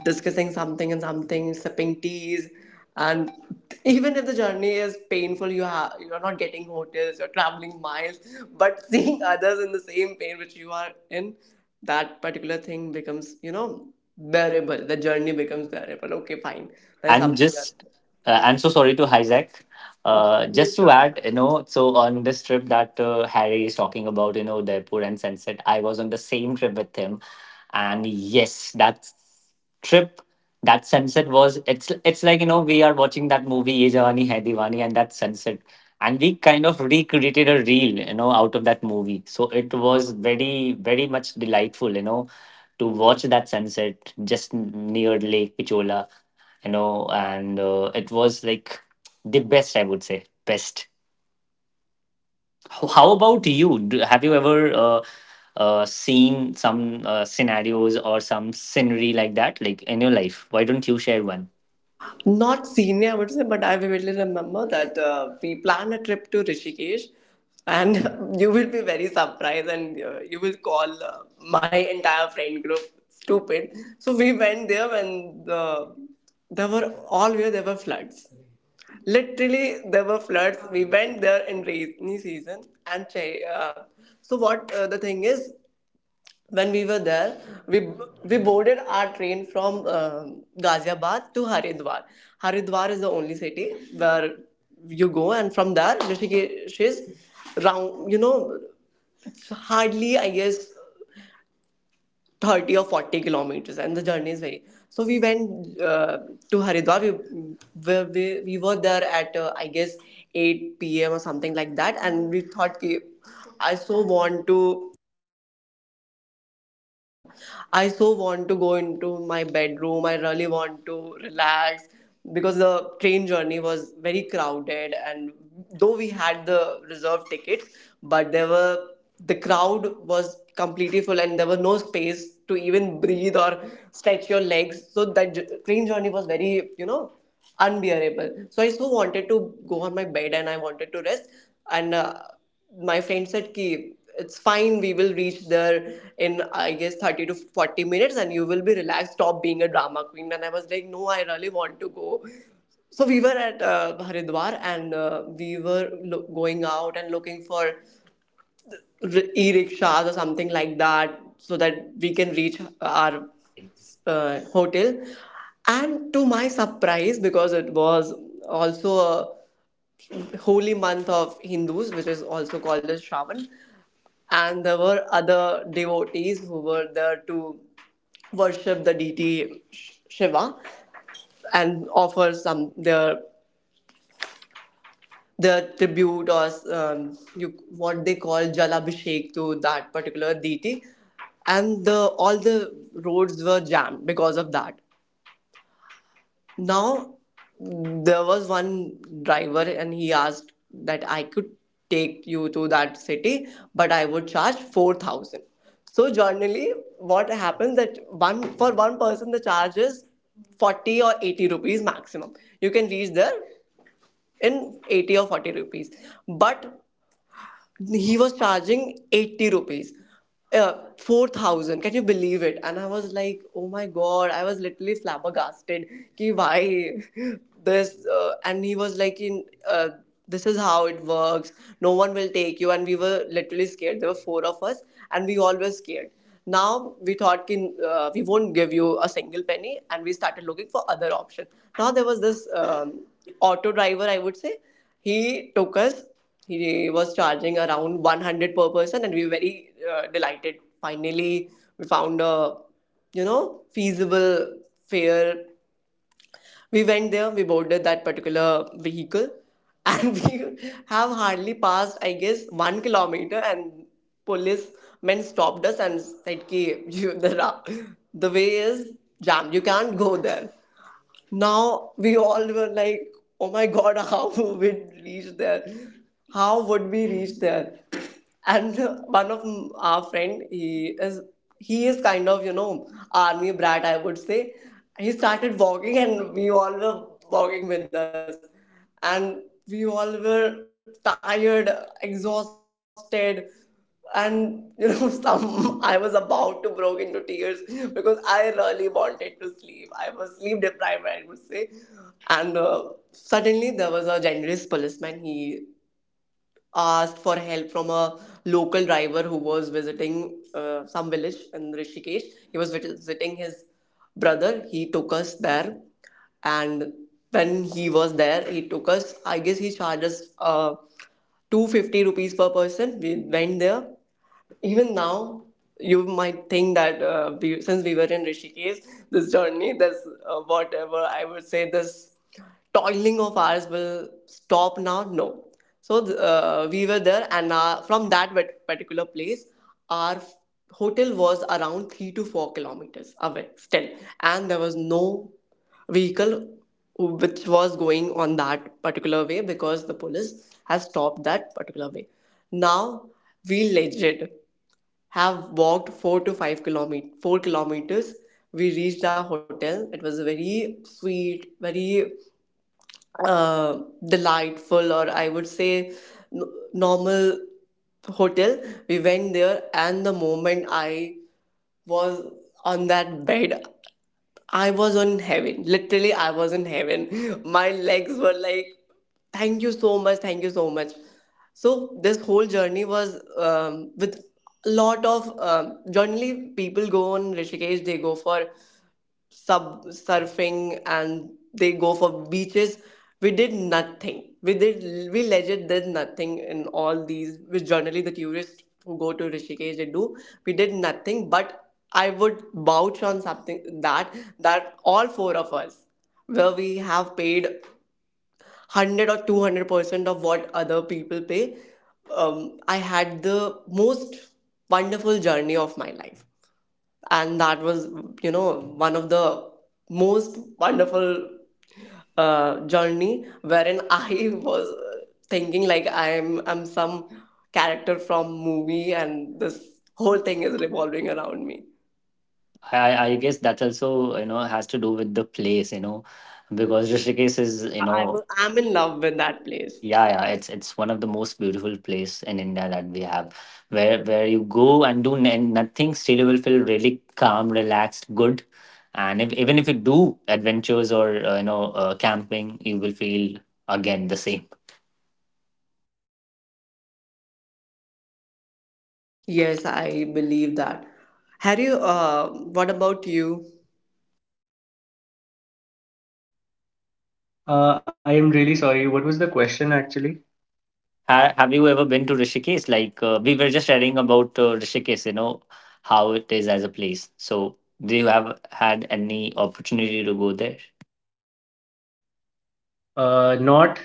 Speaker 1: discussing something and something, sipping teas. And even if the journey is painful, you have you're not getting hotels, you're traveling miles, but seeing others in the same pain which you are in, that particular thing becomes, you know, bearable. The journey becomes bearable. Okay, fine. There is
Speaker 2: And
Speaker 1: something else.
Speaker 2: just uh, I'm so sorry to hijack. Uh, just to
Speaker 1: Sure, sure.
Speaker 2: add, you know, so on this trip that uh, Harry is talking about, you know, Udaipur and sunset, I was on the same trip with him. And yes, that trip, that sunset was, it's it's like, you know, we are watching that movie Ye Jawani Hai Diwani, and that sunset, and we kind of recreated a reel, you know, out of that movie. So it was very very much delightful, you know, to watch that sunset just near Lake Pichola, you know. And uh, it was like the best, I would say, best. H- How about you? Do, have you ever uh, uh, seen some uh, scenarios or some scenery like that, like in your life? Why don't you share one?
Speaker 1: Not senior, I would say, but I vividly remember that uh, we planned a trip to Rishikesh, and you will be very surprised, and uh, you will call uh, my entire friend group stupid. So we went there when the there were all where there were floods. Literally, there were floods. We went there in rainy season, and che- uh, so what? Uh, the thing is, when we were there, we we boarded our train from um Ghaziabad to Haridwar. Haridwar is the only city where you go, and from there, Rishikesh is round. You know, hardly I guess thirty or forty kilometers, and the journey is very. So we went uh, to Haridwar. We, we, we, we were there at uh, I guess eight p m or something like that, and we thought, "Ki, I so want to Like, I so want to go into my bedroom. I really want to relax because the train journey was very crowded. And though we had the reserved tickets, but there were the crowd was completely full and there was no space to even breathe or stretch your legs. So that j- train journey was very, you know, unbearable. So I so wanted to go on my bed and I wanted to rest. And uh, my friend said, "Ki it's fine. We will reach there in I guess thirty to forty minutes, and you will be relaxed. Stop being a drama queen." And I was like, "No, I really want to go." So we were at uh, Haridwar and uh, we were lo- going out and looking for r- e-rickshaws or something like that so that we can reach our uh, hotel. And to my surprise, because it was also a holy month of Hindus, which is also called as Shravan, and there were other devotees who were there to worship the deity Sh- Shiva and offer some their their tribute or um, you, what they call jalabhishek to that particular deity, and the all the roads were jammed because of that. Now, there was one driver, and he asked that I could take you to that city, but I would charge four thousand. So, generally, what happens that one for one person the charge is forty or eighty rupees maximum. You can reach there in eighty or forty rupees. But he was charging eighty rupees uh, four thousand, can you believe it? And I was like, oh my god, I was literally flabbergasted, ki why this. Uh, and he was like in uh, this is how it works. No one will take you, and we were literally scared. There were four of us, and we all were scared. Now we thought ki, uh, we won't give you a single penny, and we started looking for other option. Now there was this um, auto driver, I would say, he took us, he was charging around one hundred per person, and we were very uh, delighted. Finally, we found a you know feasible fare. We went there, we boarded that particular vehicle, and we have hardly passed, I guess, one kilometer, and police men stopped us and said, "Ki, you, the ra- the way is jammed. You can't go there." Now we all were like, oh my god, how would we reach there? How would we reach there? And one of our friend, he is he is kind of you know army brat, I would say. He started walking, and we all were walking with us, and we all were tired, exhausted, and you know some I was about to broke into tears because I really wanted to sleep. I was sleep deprived, I would say. And uh, suddenly there was a generous policeman. He asked for help from a local driver who was visiting uh, some village in Rishikesh. He was visiting his brother. He took us there. And when he was there, he took us, I guess he charged us uh, two hundred fifty rupees per person. We went there. Even now, you might think that uh, we, since we were in Rishikesh, this journey, this uh, whatever I would say, this toiling of ours will stop now. No. So th- uh, we were there, and uh, from that wet- particular place our f- hotel was around three to four kilometers away still. And there was no vehicle which was going on that particular way because the police has stopped that particular way. Now we legit have walked four to five kilomet four kilometers. We reached our hotel. It was a very sweet, very uh, delightful, or I would say n- normal hotel. We went there, and the moment I was on that bed, I was on heaven. Literally, I was in heaven. My legs were like, thank you so much, thank you so much. So this whole journey was um, with a lot of um, generally people go on Rishikesh, they go for sub surfing and they go for beaches. We did nothing. We did we legit did nothing in all these which generally the tourists who go to Rishikesh they do. We did nothing, but I would vouch on something that that all four of us, where we have paid one hundred or two hundred percent of what other people pay, um, i had the most wonderful journey of my life. And that was you know one of the most wonderful uh, journey wherein I was uh, thinking like I'm I'm some character from movie and this whole thing is revolving around me.
Speaker 2: I, I guess that also you know has to do with the place, you know, because Rishikesh is you
Speaker 1: Yeah, I
Speaker 2: know...
Speaker 1: was I'm in love with that place.
Speaker 2: Yeah, yeah, it's it's one of the most beautiful place in India that we have, where where you go and do n- nothing, still you will feel really calm, relaxed, good. And if, even if you do adventures or uh, you know uh, camping, you will feel again the same.
Speaker 1: Yes, I believe that. Harry, uh, what about you?
Speaker 3: Uh, I am really sorry. What was the question actually?
Speaker 2: Ha- have you ever been to Rishikesh? Like uh, we were just sharing about uh, Rishikesh, you know, how it is as a place. So, do you have had any opportunity to go there?
Speaker 3: Uh, not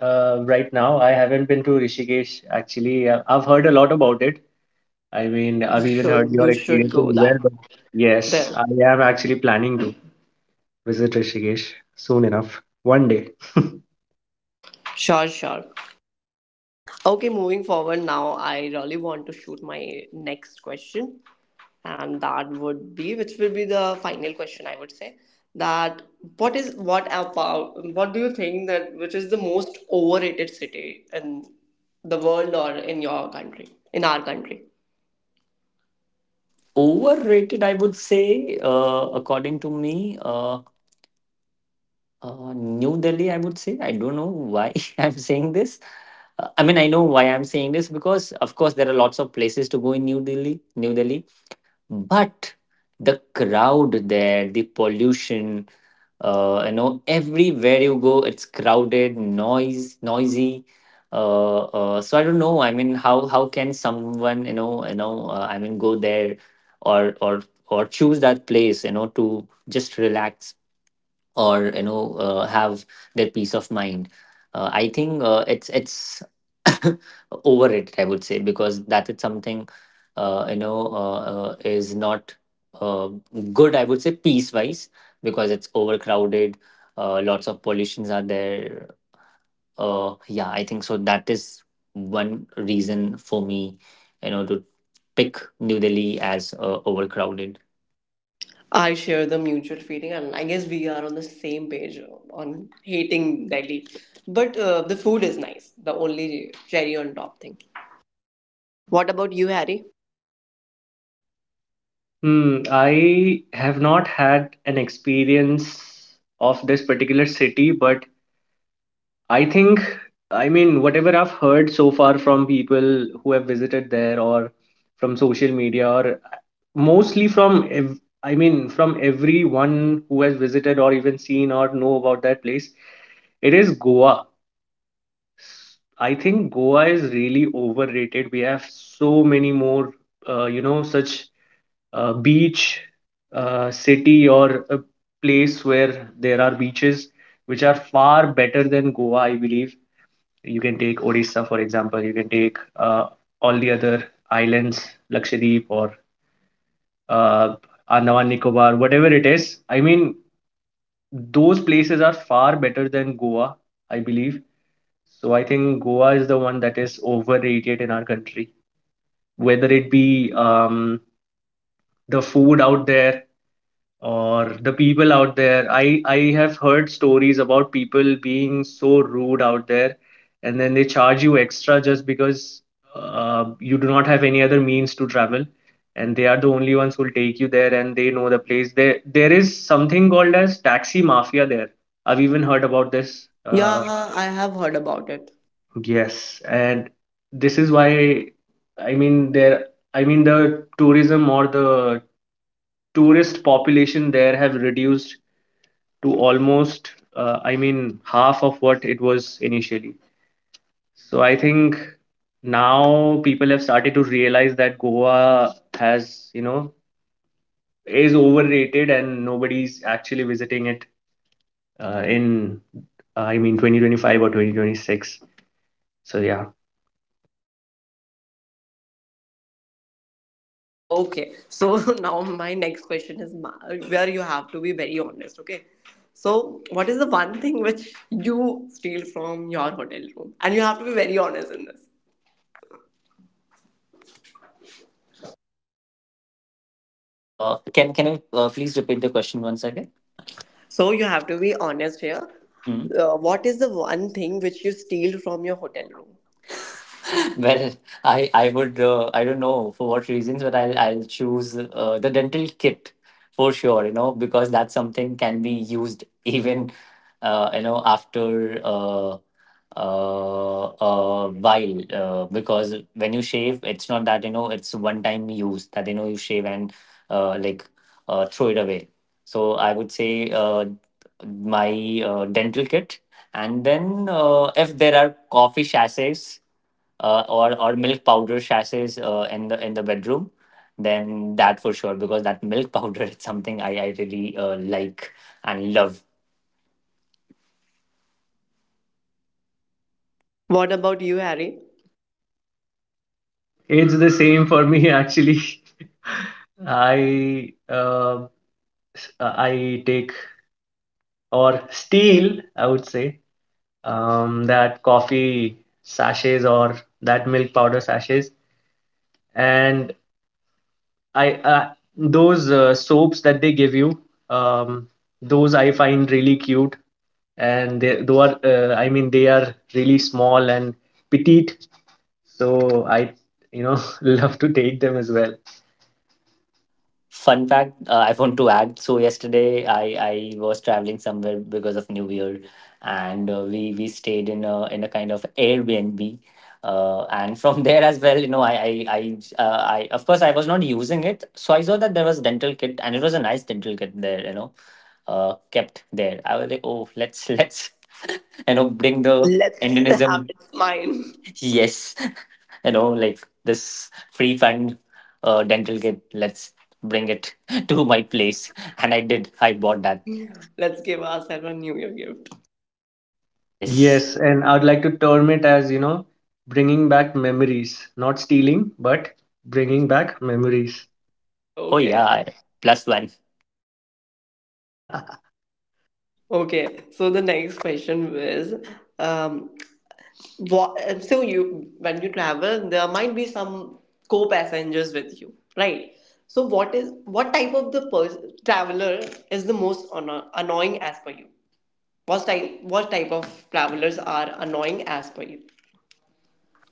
Speaker 3: uh, right now. I haven't been to Rishikesh actually. Uh, I've heard a lot about it. I mean,
Speaker 1: You
Speaker 3: I've even heard
Speaker 1: should
Speaker 3: your
Speaker 1: you should
Speaker 3: experience as
Speaker 1: go
Speaker 3: well.
Speaker 1: that
Speaker 3: But yes,
Speaker 1: there.
Speaker 3: I am actually planning to visit Rishikesh soon enough, one day.
Speaker 1: Sure, sure. Okay, moving forward now, I really want to shoot my next question, and that would be, which will be the final question, I would say, that what is what about what do you think that which is the most overrated city in the world or in your country, in our country?
Speaker 2: Overrated, I would say, uh, according to me. Uh, Uh, New Delhi, I would say. I don't know why I'm saying this. Uh, I mean, I know why I'm saying this because, of course, there are lots of places to go in New Delhi, New Delhi, but the crowd there, the pollution, uh, you know, everywhere you go, it's crowded, noise, noisy. Uh, uh, so I don't know. I mean, how how can someone, you know, you know, uh, I mean, go there or or or choose that place, you know, to just relax or you know uh, have their peace of mind. Uh, i think uh, it's it's overrated, I would say, because that is something uh, you know uh, uh, is not uh, good, I would say, peace wise because it's overcrowded. Uh, lots of pollutions are there. Uh, yeah, I think so. That is one reason for me, you know, to pick New Delhi as uh, overcrowded.
Speaker 1: I share the mutual feeling, and I guess we are on the same page on hating Delhi. But uh, the food is nice, the only cherry on top thing. What about you, Harry?
Speaker 3: Hmm, I have not had an experience of this particular city, but I think, I mean, whatever I've heard so far from people who have visited there or from social media, or uh, mostly from, ev- I mean, from everyone who has visited or even seen or know about that place, it is Goa. I think Goa is really overrated. We have so many more, uh, you know, such uh, beach, uh, city, or a place where there are beaches which are far better than Goa, I believe. You can take Odisha, for example. You can take uh, all the other islands, Lakshadweep or uh, Andaman Nicobar, whatever it is. I mean, those places are far better than Goa, I believe. So I think Goa is the one that is overrated in our country. Whether it be um, the food out there, or the people out there, i i have heard stories about people being so rude out there, and then they charge you extra just because uh, you do not have any other means to travel, and they are the only ones who will take you there, and they know the place. There there is something called as taxi mafia there. I've even heard about this uh,
Speaker 1: Yeah, I have heard about it.
Speaker 3: Yes, and this is why, i mean there i mean the tourism or the tourist population there have reduced to almost, uh, I mean, half of what it was initially. So I think now people have started to realize that Goa has, you know, is overrated and nobody's actually visiting it uh, in, uh, I mean, twenty twenty-five or twenty twenty-six. So yeah,
Speaker 1: Okay, so now my next question is, ma- where you have to be very honest, okay? So, what is the one thing which you steal from your hotel room? And you have to be very honest in this.
Speaker 2: Uh, can can you uh, please repeat the question once again?
Speaker 1: So, you have to be honest here. Uh, what is the one thing which you steal from your hotel room?
Speaker 2: Well, I I would, uh, I don't know for what reasons, but I'll I'll choose uh, the dental kit for sure. You know, because that's something can be used even uh, you know, after uh, uh, a while, uh, because when you shave, it's not that, you know, it's one time use that, you know, you shave and uh, like uh, throw it away. So I would say uh, my uh, dental kit, and then uh, if there are coffee sachets uh, or or milk powder sachets uh, in the in the bedroom, then that for sure, because that milk powder is something I I really uh, like and love.
Speaker 1: What about you, Harry?
Speaker 3: it's the same for me actually. I uh, I take, or steal, I would say, um, that coffee sachets or that milk powder sachets, and I uh, those uh, soaps that they give you. um, those I find really cute, and they, they are uh, i mean they are really small and petite, so I, you know, love to take them as well.
Speaker 2: Fun fact uh, I want to add. So yesterday I I was traveling somewhere because of New Year, and uh, we we stayed in a in a kind of Airbnb. Uh, and from there as well, you know, I, I, I, uh, I, of course, I was not using it. So I saw that there was dental kit, and it was a nice dental kit there, you know, uh, kept there. I was like, oh, let's let's you know, bring the
Speaker 1: Let's have
Speaker 2: Indianism.
Speaker 1: it mine.
Speaker 2: Yes, you know, like this free fund uh, dental kit. Let's bring it to my place, and I did. I bought that.
Speaker 1: Let's give ourselves a New Year gift.
Speaker 2: Yes.
Speaker 3: Yes, and I would like to term it as, you know, bringing back memories, not stealing, but bringing back memories.
Speaker 2: Oh yeah.
Speaker 1: Okay.
Speaker 2: I- Plus one.
Speaker 1: Okay. So the next question is, um, wa- uh, so you, when you travel, there might be some co-passengers with you, right? So what is what type of the pers- traveler is the most anno- annoying as per you. What type what type of travelers are annoying as per you?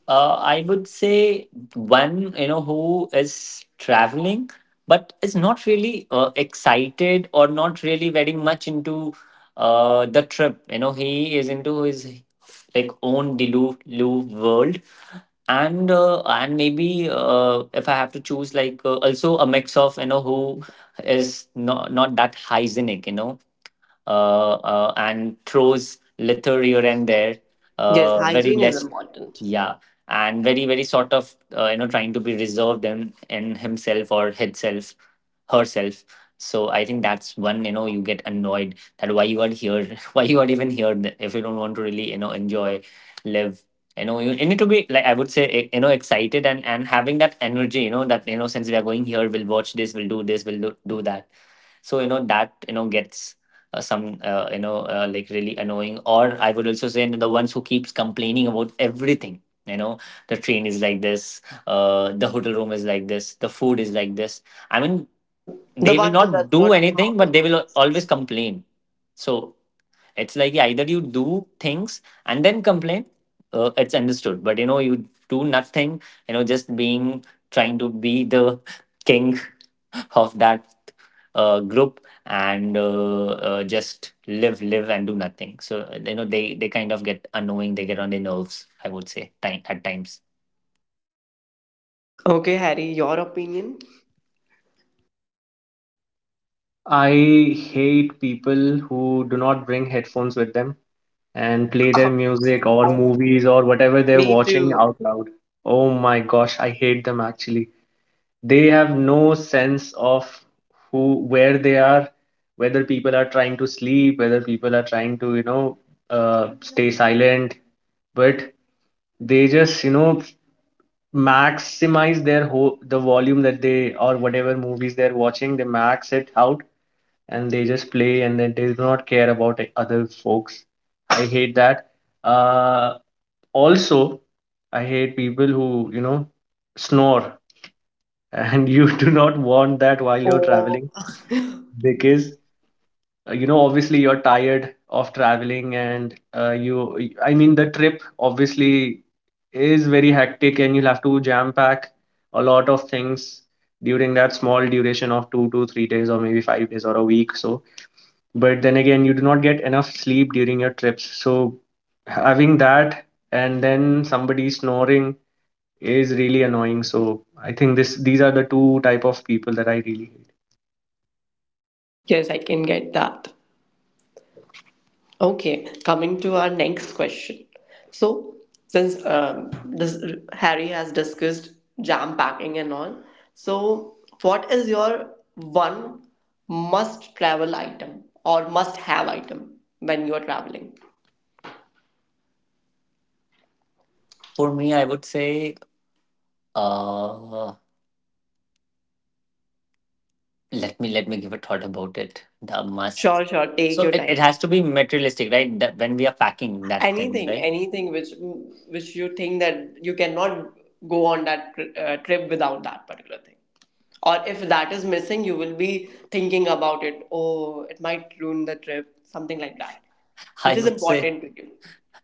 Speaker 2: Uh, I would say one, you know, who is traveling but is not really uh, excited or not really very much into uh, the trip. You know, he is into his like own Delu world, and uh, and maybe uh, if I have to choose, like, uh, also a mix of, you know, who is not not that hygienic. You know, uh, uh, and throws litter here and there.
Speaker 1: Yes,
Speaker 2: Uh, very
Speaker 1: hygiene is
Speaker 2: less,
Speaker 1: important.
Speaker 2: yeah, and very, very sort of, uh, you know, trying to be reserved in in himself or herself herself. So I think that's one, you know, you get annoyed that why you are here, why you are even here, th- if you don't want to really, you know, enjoy, live. You know, you, you need to be like, I would say, e- you know, excited, and and having that energy. You know, that, you know, since we are going here, we'll watch this, we'll do this, we'll do, do that, so you know, that, you know, gets uh, some uh, you know uh, like really annoying. Or I would also say the ones who keeps complaining about everything, you know, the train is like this, uh, the hotel room is like this, the food is like this. I mean,
Speaker 1: The
Speaker 2: they will
Speaker 1: one who does
Speaker 2: not do
Speaker 1: not know how
Speaker 2: anything,
Speaker 1: to
Speaker 2: but they will al-
Speaker 1: adjust.
Speaker 2: always complain. So it's like, yeah, either you do things and then complain, uh, it's understood, but you know, you do nothing, you know, just being, trying to be the king of that uh, group, and uh, uh, just live live and do nothing. So uh, you know, they they kind of get annoying, they get on their nerves, I would say, time, at times.
Speaker 1: Okay, Harry, your opinion.
Speaker 3: I hate people who do not bring headphones with them and play their music or movies or whatever they're
Speaker 1: Me
Speaker 3: watching
Speaker 1: too.
Speaker 3: out loud. Oh my gosh, I hate them actually. They have no sense of who, where they are, whether people are trying to sleep, whether people are trying to, you know, uh, stay silent, but they just, you know, maximize their whole the volume that they, or whatever movies they're watching, they max it out, and they just play, and then they do not care about, like, other folks. I hate that. Uh, Also, I hate people who, you know, snore and you do not want that while you're
Speaker 1: Oh.
Speaker 3: traveling because, uh, you know, obviously you're tired of traveling, and uh, you, I mean, the trip obviously is very hectic, and you'll have to jam pack a lot of things during that small duration of two to three days or maybe five days or a week. So but then again, you do not get enough sleep during your trips, so having that, and then somebody snoring is really annoying. So I think this these are the two type of people that I really hate.
Speaker 1: Yes, I can get that. Okay, coming to our next question. So, since um, this, Harry has discussed jam packing and all, so what is your one must travel item or must have item when you're traveling?
Speaker 2: For me, I would say, uh let me let me give a thought about it, the must.
Speaker 1: Sure, sure, take
Speaker 2: So
Speaker 1: your
Speaker 2: it, it
Speaker 1: time.
Speaker 2: has to be materialistic, right, that when we are packing that thing,
Speaker 1: Anything,
Speaker 2: right?
Speaker 1: anything which which you think that you cannot go on that uh, trip without that particular thing. Or if that is missing, you will be thinking about it. Oh, it might ruin the trip, something like that,
Speaker 2: I
Speaker 1: which is
Speaker 2: would say,
Speaker 1: important to you.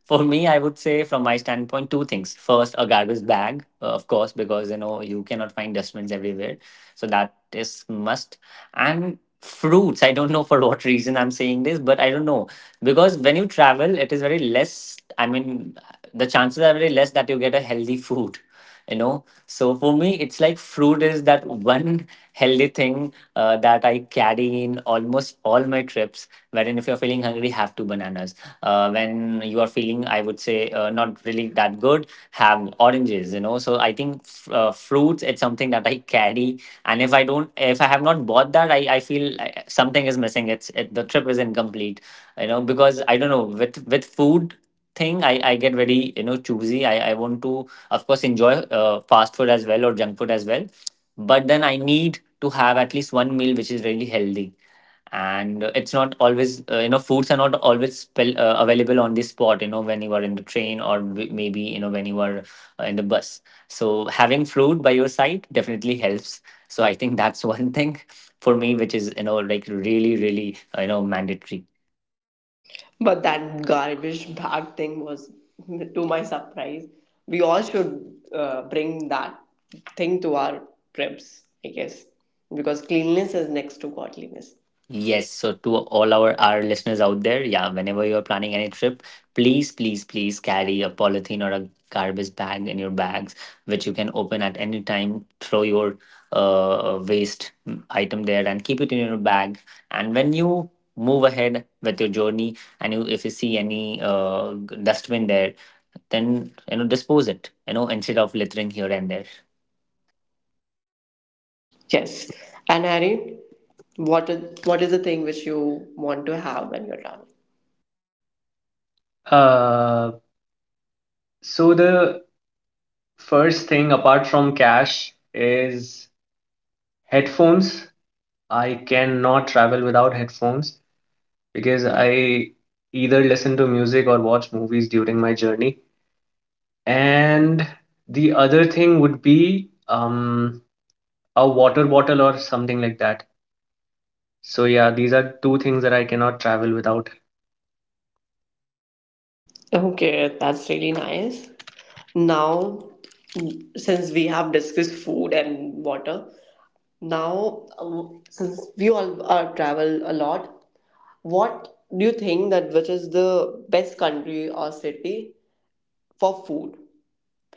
Speaker 2: for me, I would say from my standpoint, two things. First, a garbage bag, uh, of course, because you know, you cannot find dustbins everywhere, so that is must. And fruits, I don't know for what reason I'm saying this, but I don't know, because when you travel, it is very less. I mean, the chances are very less that you get a healthy food. You know, so for me, it's like fruit is that one healthy thing uh, that I carry in almost all my trips. Wherein, if you're feeling hungry, have two bananas uh, when you are feeling, I would say, uh, not really that good, have oranges, you know. So I think, f- uh, fruits, it's something that I carry, and if I don't, if I have not bought that, i, I feel uh, something is missing. It's it, the trip is incomplete, you know, because I don't know, with with food thing, i i get very, you know, choosy. I i want to, of course, enjoy uh, fast food as well or junk food as well, but then I need to have at least one meal which is really healthy. And uh, it's not always uh, you know, foods are not always spell, uh, available on the spot, you know, when you are in the train, or w- maybe, you know, when you are uh, in the bus. So having food by your side definitely helps. So I think that's one thing for me which is, you know, like really, really, uh, you know, mandatory.
Speaker 1: But that garbage bag thing was, to my surprise, we all should uh, bring that thing to our trips, I guess, because cleanliness is next to godliness.
Speaker 2: Yes, so to all our our listeners out there, yeah, whenever you're planning any trip, please, please, please carry a polythene or a garbage bag in your bags, which you can open at any time. Throw your uh, waste mm, item there and keep it in your bag. And when you move ahead with your journey, and you, if you see any uh, dustbin there, then you know, dispose it. You know, instead of littering here and there.
Speaker 1: Yes. And Harry, what is, what is the thing which you want to have when you're traveling?
Speaker 3: uh, so the first thing apart from cash is headphones. I cannot travel without headphones because I either listen to music or watch movies during my journey. And the other thing would be um a water bottle or something like that. So yeah, these are two things that I cannot travel without.
Speaker 1: Okay, that's really nice. Now, since we have discussed food and water now, um, since we all uh, travel a lot, what do you think that which is the best country or city for food?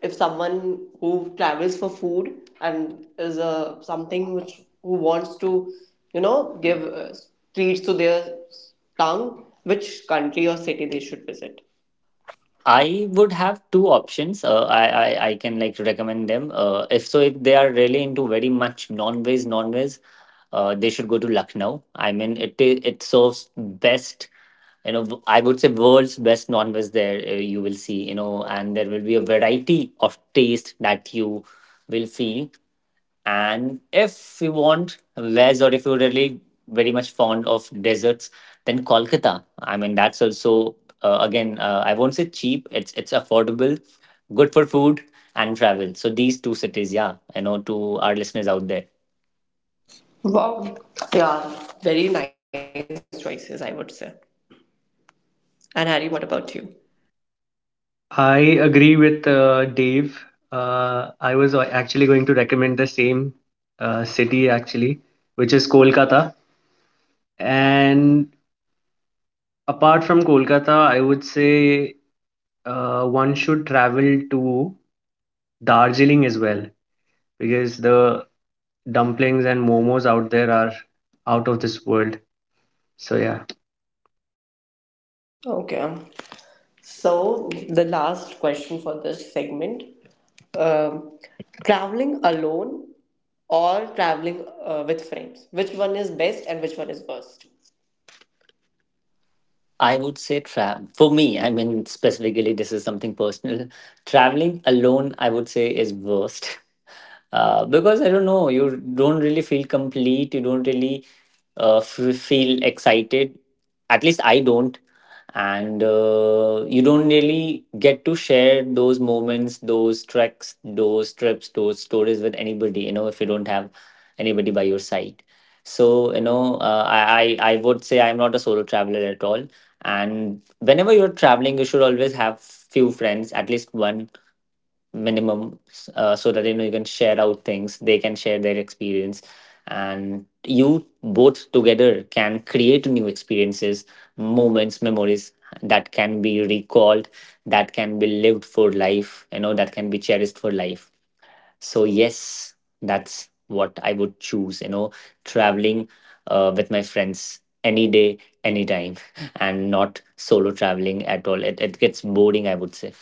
Speaker 1: If someone who travels for food and is a something which who wants to you know give uh, treats to their tongue, which country or city they should visit?
Speaker 2: I would have two options. Uh, I, I I can like recommend them. Uh, if so, if they are really into very much non-veg, non-veg, uh, they should go to Lucknow. I mean, it I- it serves best. You know, w- I would say world's best non-veg there. Uh, you will see. You know, and there will be a variety of taste that you will feel. And if you want veg, or if you're really very much fond of desserts, then Kolkata. I mean, that's also uh, again, uh, I won't say cheap. It's it's affordable, good for food and travel. So these two cities, yeah, I know, to our listeners out there.
Speaker 1: Wow. Yeah, very nice choices, I would say. And Harry, what about you?
Speaker 3: I agree with uh, Dave. Uh, I was uh, actually going to recommend the same uh, city actually, which is Kolkata. And apart from Kolkata, I would say uh, one should travel to Darjeeling as well, because the dumplings and momos out there are out of this world. So yeah.
Speaker 1: Okay. So, the last question for this segment, um, traveling alone or traveling uh, with friends? Which one is best and which one is worst?
Speaker 2: I would say travel for me. I mean, specifically, this is something personal. Traveling alone, I would say, is worst, uh, because I don't know. You don't really feel complete. You don't really uh, f- feel excited. At least I don't, and uh, you don't really get to share those moments, those treks, those trips, those stories with anybody, you know, if you don't have anybody by your side. So you know, uh, I, I i would say, I'm not a solo traveler at all, and whenever you're traveling, you should always have few friends, at least one minimum, uh, so that, you know, you can share out things, they can share their experience, and you both together can create new experiences, moments, memories that can be recalled, that can be lived for life, you know, that can be cherished for life. So yes, that's what I would choose, you know, traveling uh, with my friends, any day, anytime, and not solo traveling at all. it, it gets boring, I would say.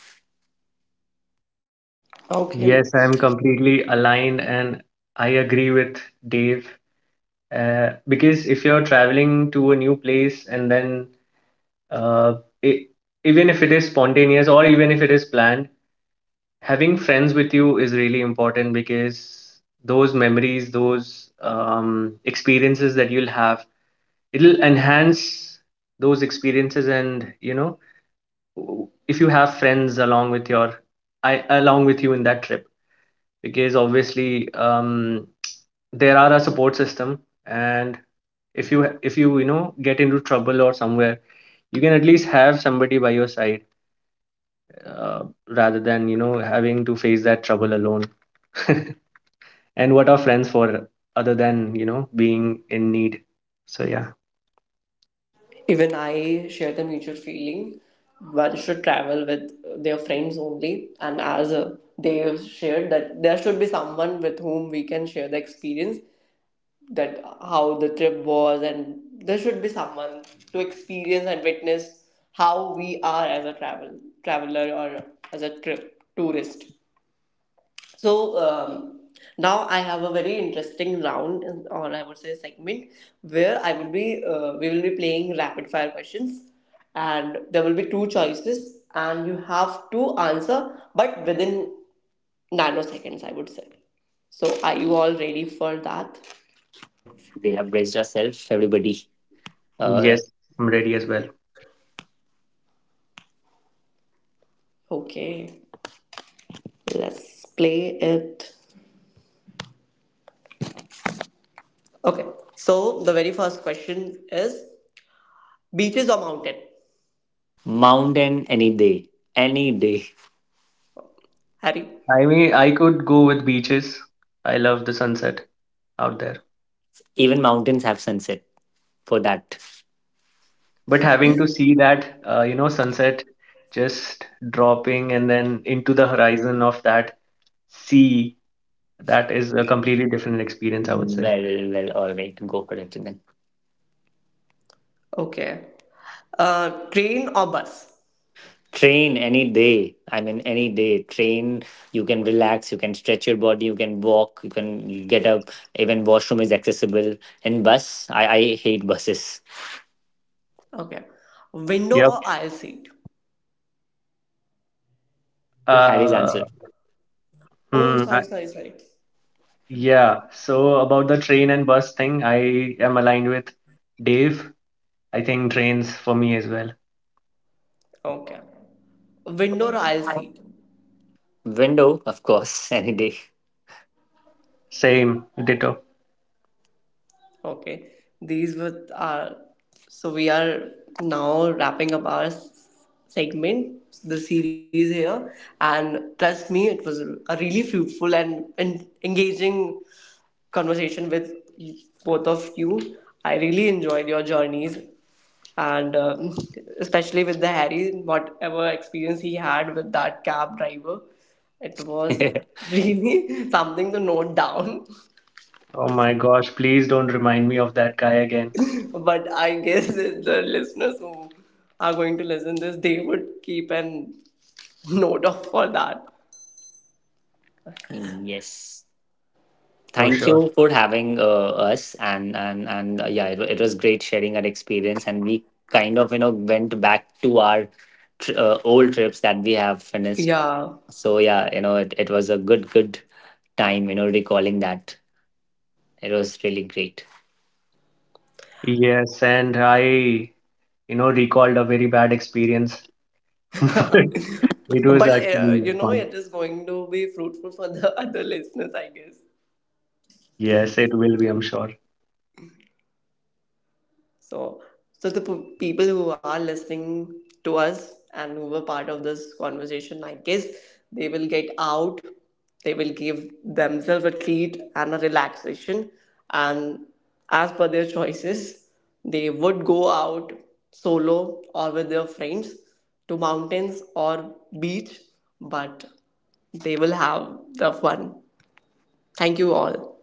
Speaker 1: Okay,
Speaker 3: Yes, I'm completely aligned, and I agree with Dave. Uh, because if you're traveling to a new place, and then uh, it, even if it is spontaneous or even if it is planned, having friends with you is really important, because those memories, those um, experiences that you'll have, it'll enhance those experiences. And you know, w- if you have friends along with your I along with you in that trip, because obviously, um there are a support system. And if you if you, you know, get into trouble or somewhere, you can at least have somebody by your side, uh, rather than, you know, having to face that trouble alone. And what are friends for other than, you know, being in need? So yeah.
Speaker 1: even I share the mutual feeling. One should travel with their friends only, and as uh, they have shared, that there should be someone with whom we can share the experience, that how the trip was, and there should be someone to experience and witness how we are as a travel traveler or as a trip tourist. So um, now I have a very interesting round, or I would say segment, where I will be uh, we will be playing rapid fire questions. And there will be two choices, and you have to answer, but within nanoseconds, I would say. So are you all ready for that?
Speaker 2: Yes, they have braced ourselves, everybody. Uh,
Speaker 3: Yes, I'm ready as well.
Speaker 1: Okay. Let's play it. Okay, so the very first question is, beaches or mountain?
Speaker 2: mountain any day, any day.
Speaker 1: Harry?
Speaker 3: I mean, I could go with beaches. I love the sunset out there.
Speaker 2: Even mountains have sunset for that.
Speaker 3: But having to see that, uh, you know, sunset just dropping and then into the horizon of that sea — that is a completely different experience, I would say.
Speaker 2: Well, well, all right, go for it then.
Speaker 1: Okay. Uh, train or bus?
Speaker 2: Train any day. I mean, any day. Train, you can relax, you can stretch your body, you can walk, you can get up. Even washroom is accessible. And bus, I, I hate buses.
Speaker 1: Okay. Window
Speaker 3: Yep.
Speaker 1: or aisle seat?
Speaker 2: Or Harry's answer.
Speaker 3: Uh,
Speaker 1: Oh,
Speaker 3: hmm,
Speaker 1: sorry,
Speaker 3: I-
Speaker 1: sorry, sorry.
Speaker 3: yeah. So about the train and bus thing, I am aligned with Dave. I think trains for me as well.
Speaker 1: Okay. Window or aisle seat?
Speaker 2: Window, of course, any day.
Speaker 3: Same, ditto.
Speaker 1: Okay. These were our. So we are now wrapping up our s- segment, the series here. And trust me, it was a really fruitful and en- engaging conversation with both of you. I really enjoyed your journeys, and um especially with the Harry, whatever experience he had with that cab driver, it was really something to note down.
Speaker 3: Oh my gosh, please don't remind me of that guy again,
Speaker 1: But I guess the listeners who are going to listen this, they would keep an note of for that.
Speaker 2: Yes.
Speaker 3: for
Speaker 2: Thank
Speaker 3: sure.
Speaker 2: you for having uh, us, and and and uh, yeah, it, wa- it was great sharing our experience, and we kind of, you know, went back to our tr- uh, old trips that we have finished.
Speaker 1: Yeah.
Speaker 2: So yeah, you know, it, it was a good good time, you know, recalling that. It was really great.
Speaker 3: Yes, and I, you know, recalled a very bad experience. It was
Speaker 1: But uh,
Speaker 3: actually
Speaker 1: you know,
Speaker 3: fun.
Speaker 1: it is going to be fruitful for the other listeners, I guess.
Speaker 3: Yes, it will be, I'm sure.
Speaker 1: So, so the p- people who are listening to us and who were part of this conversation, I guess, they will get out. They will give themselves a treat and a relaxation, and as per their choices, they would go out solo or with their friends to mountains or beach, but they will have the fun. Thank you all.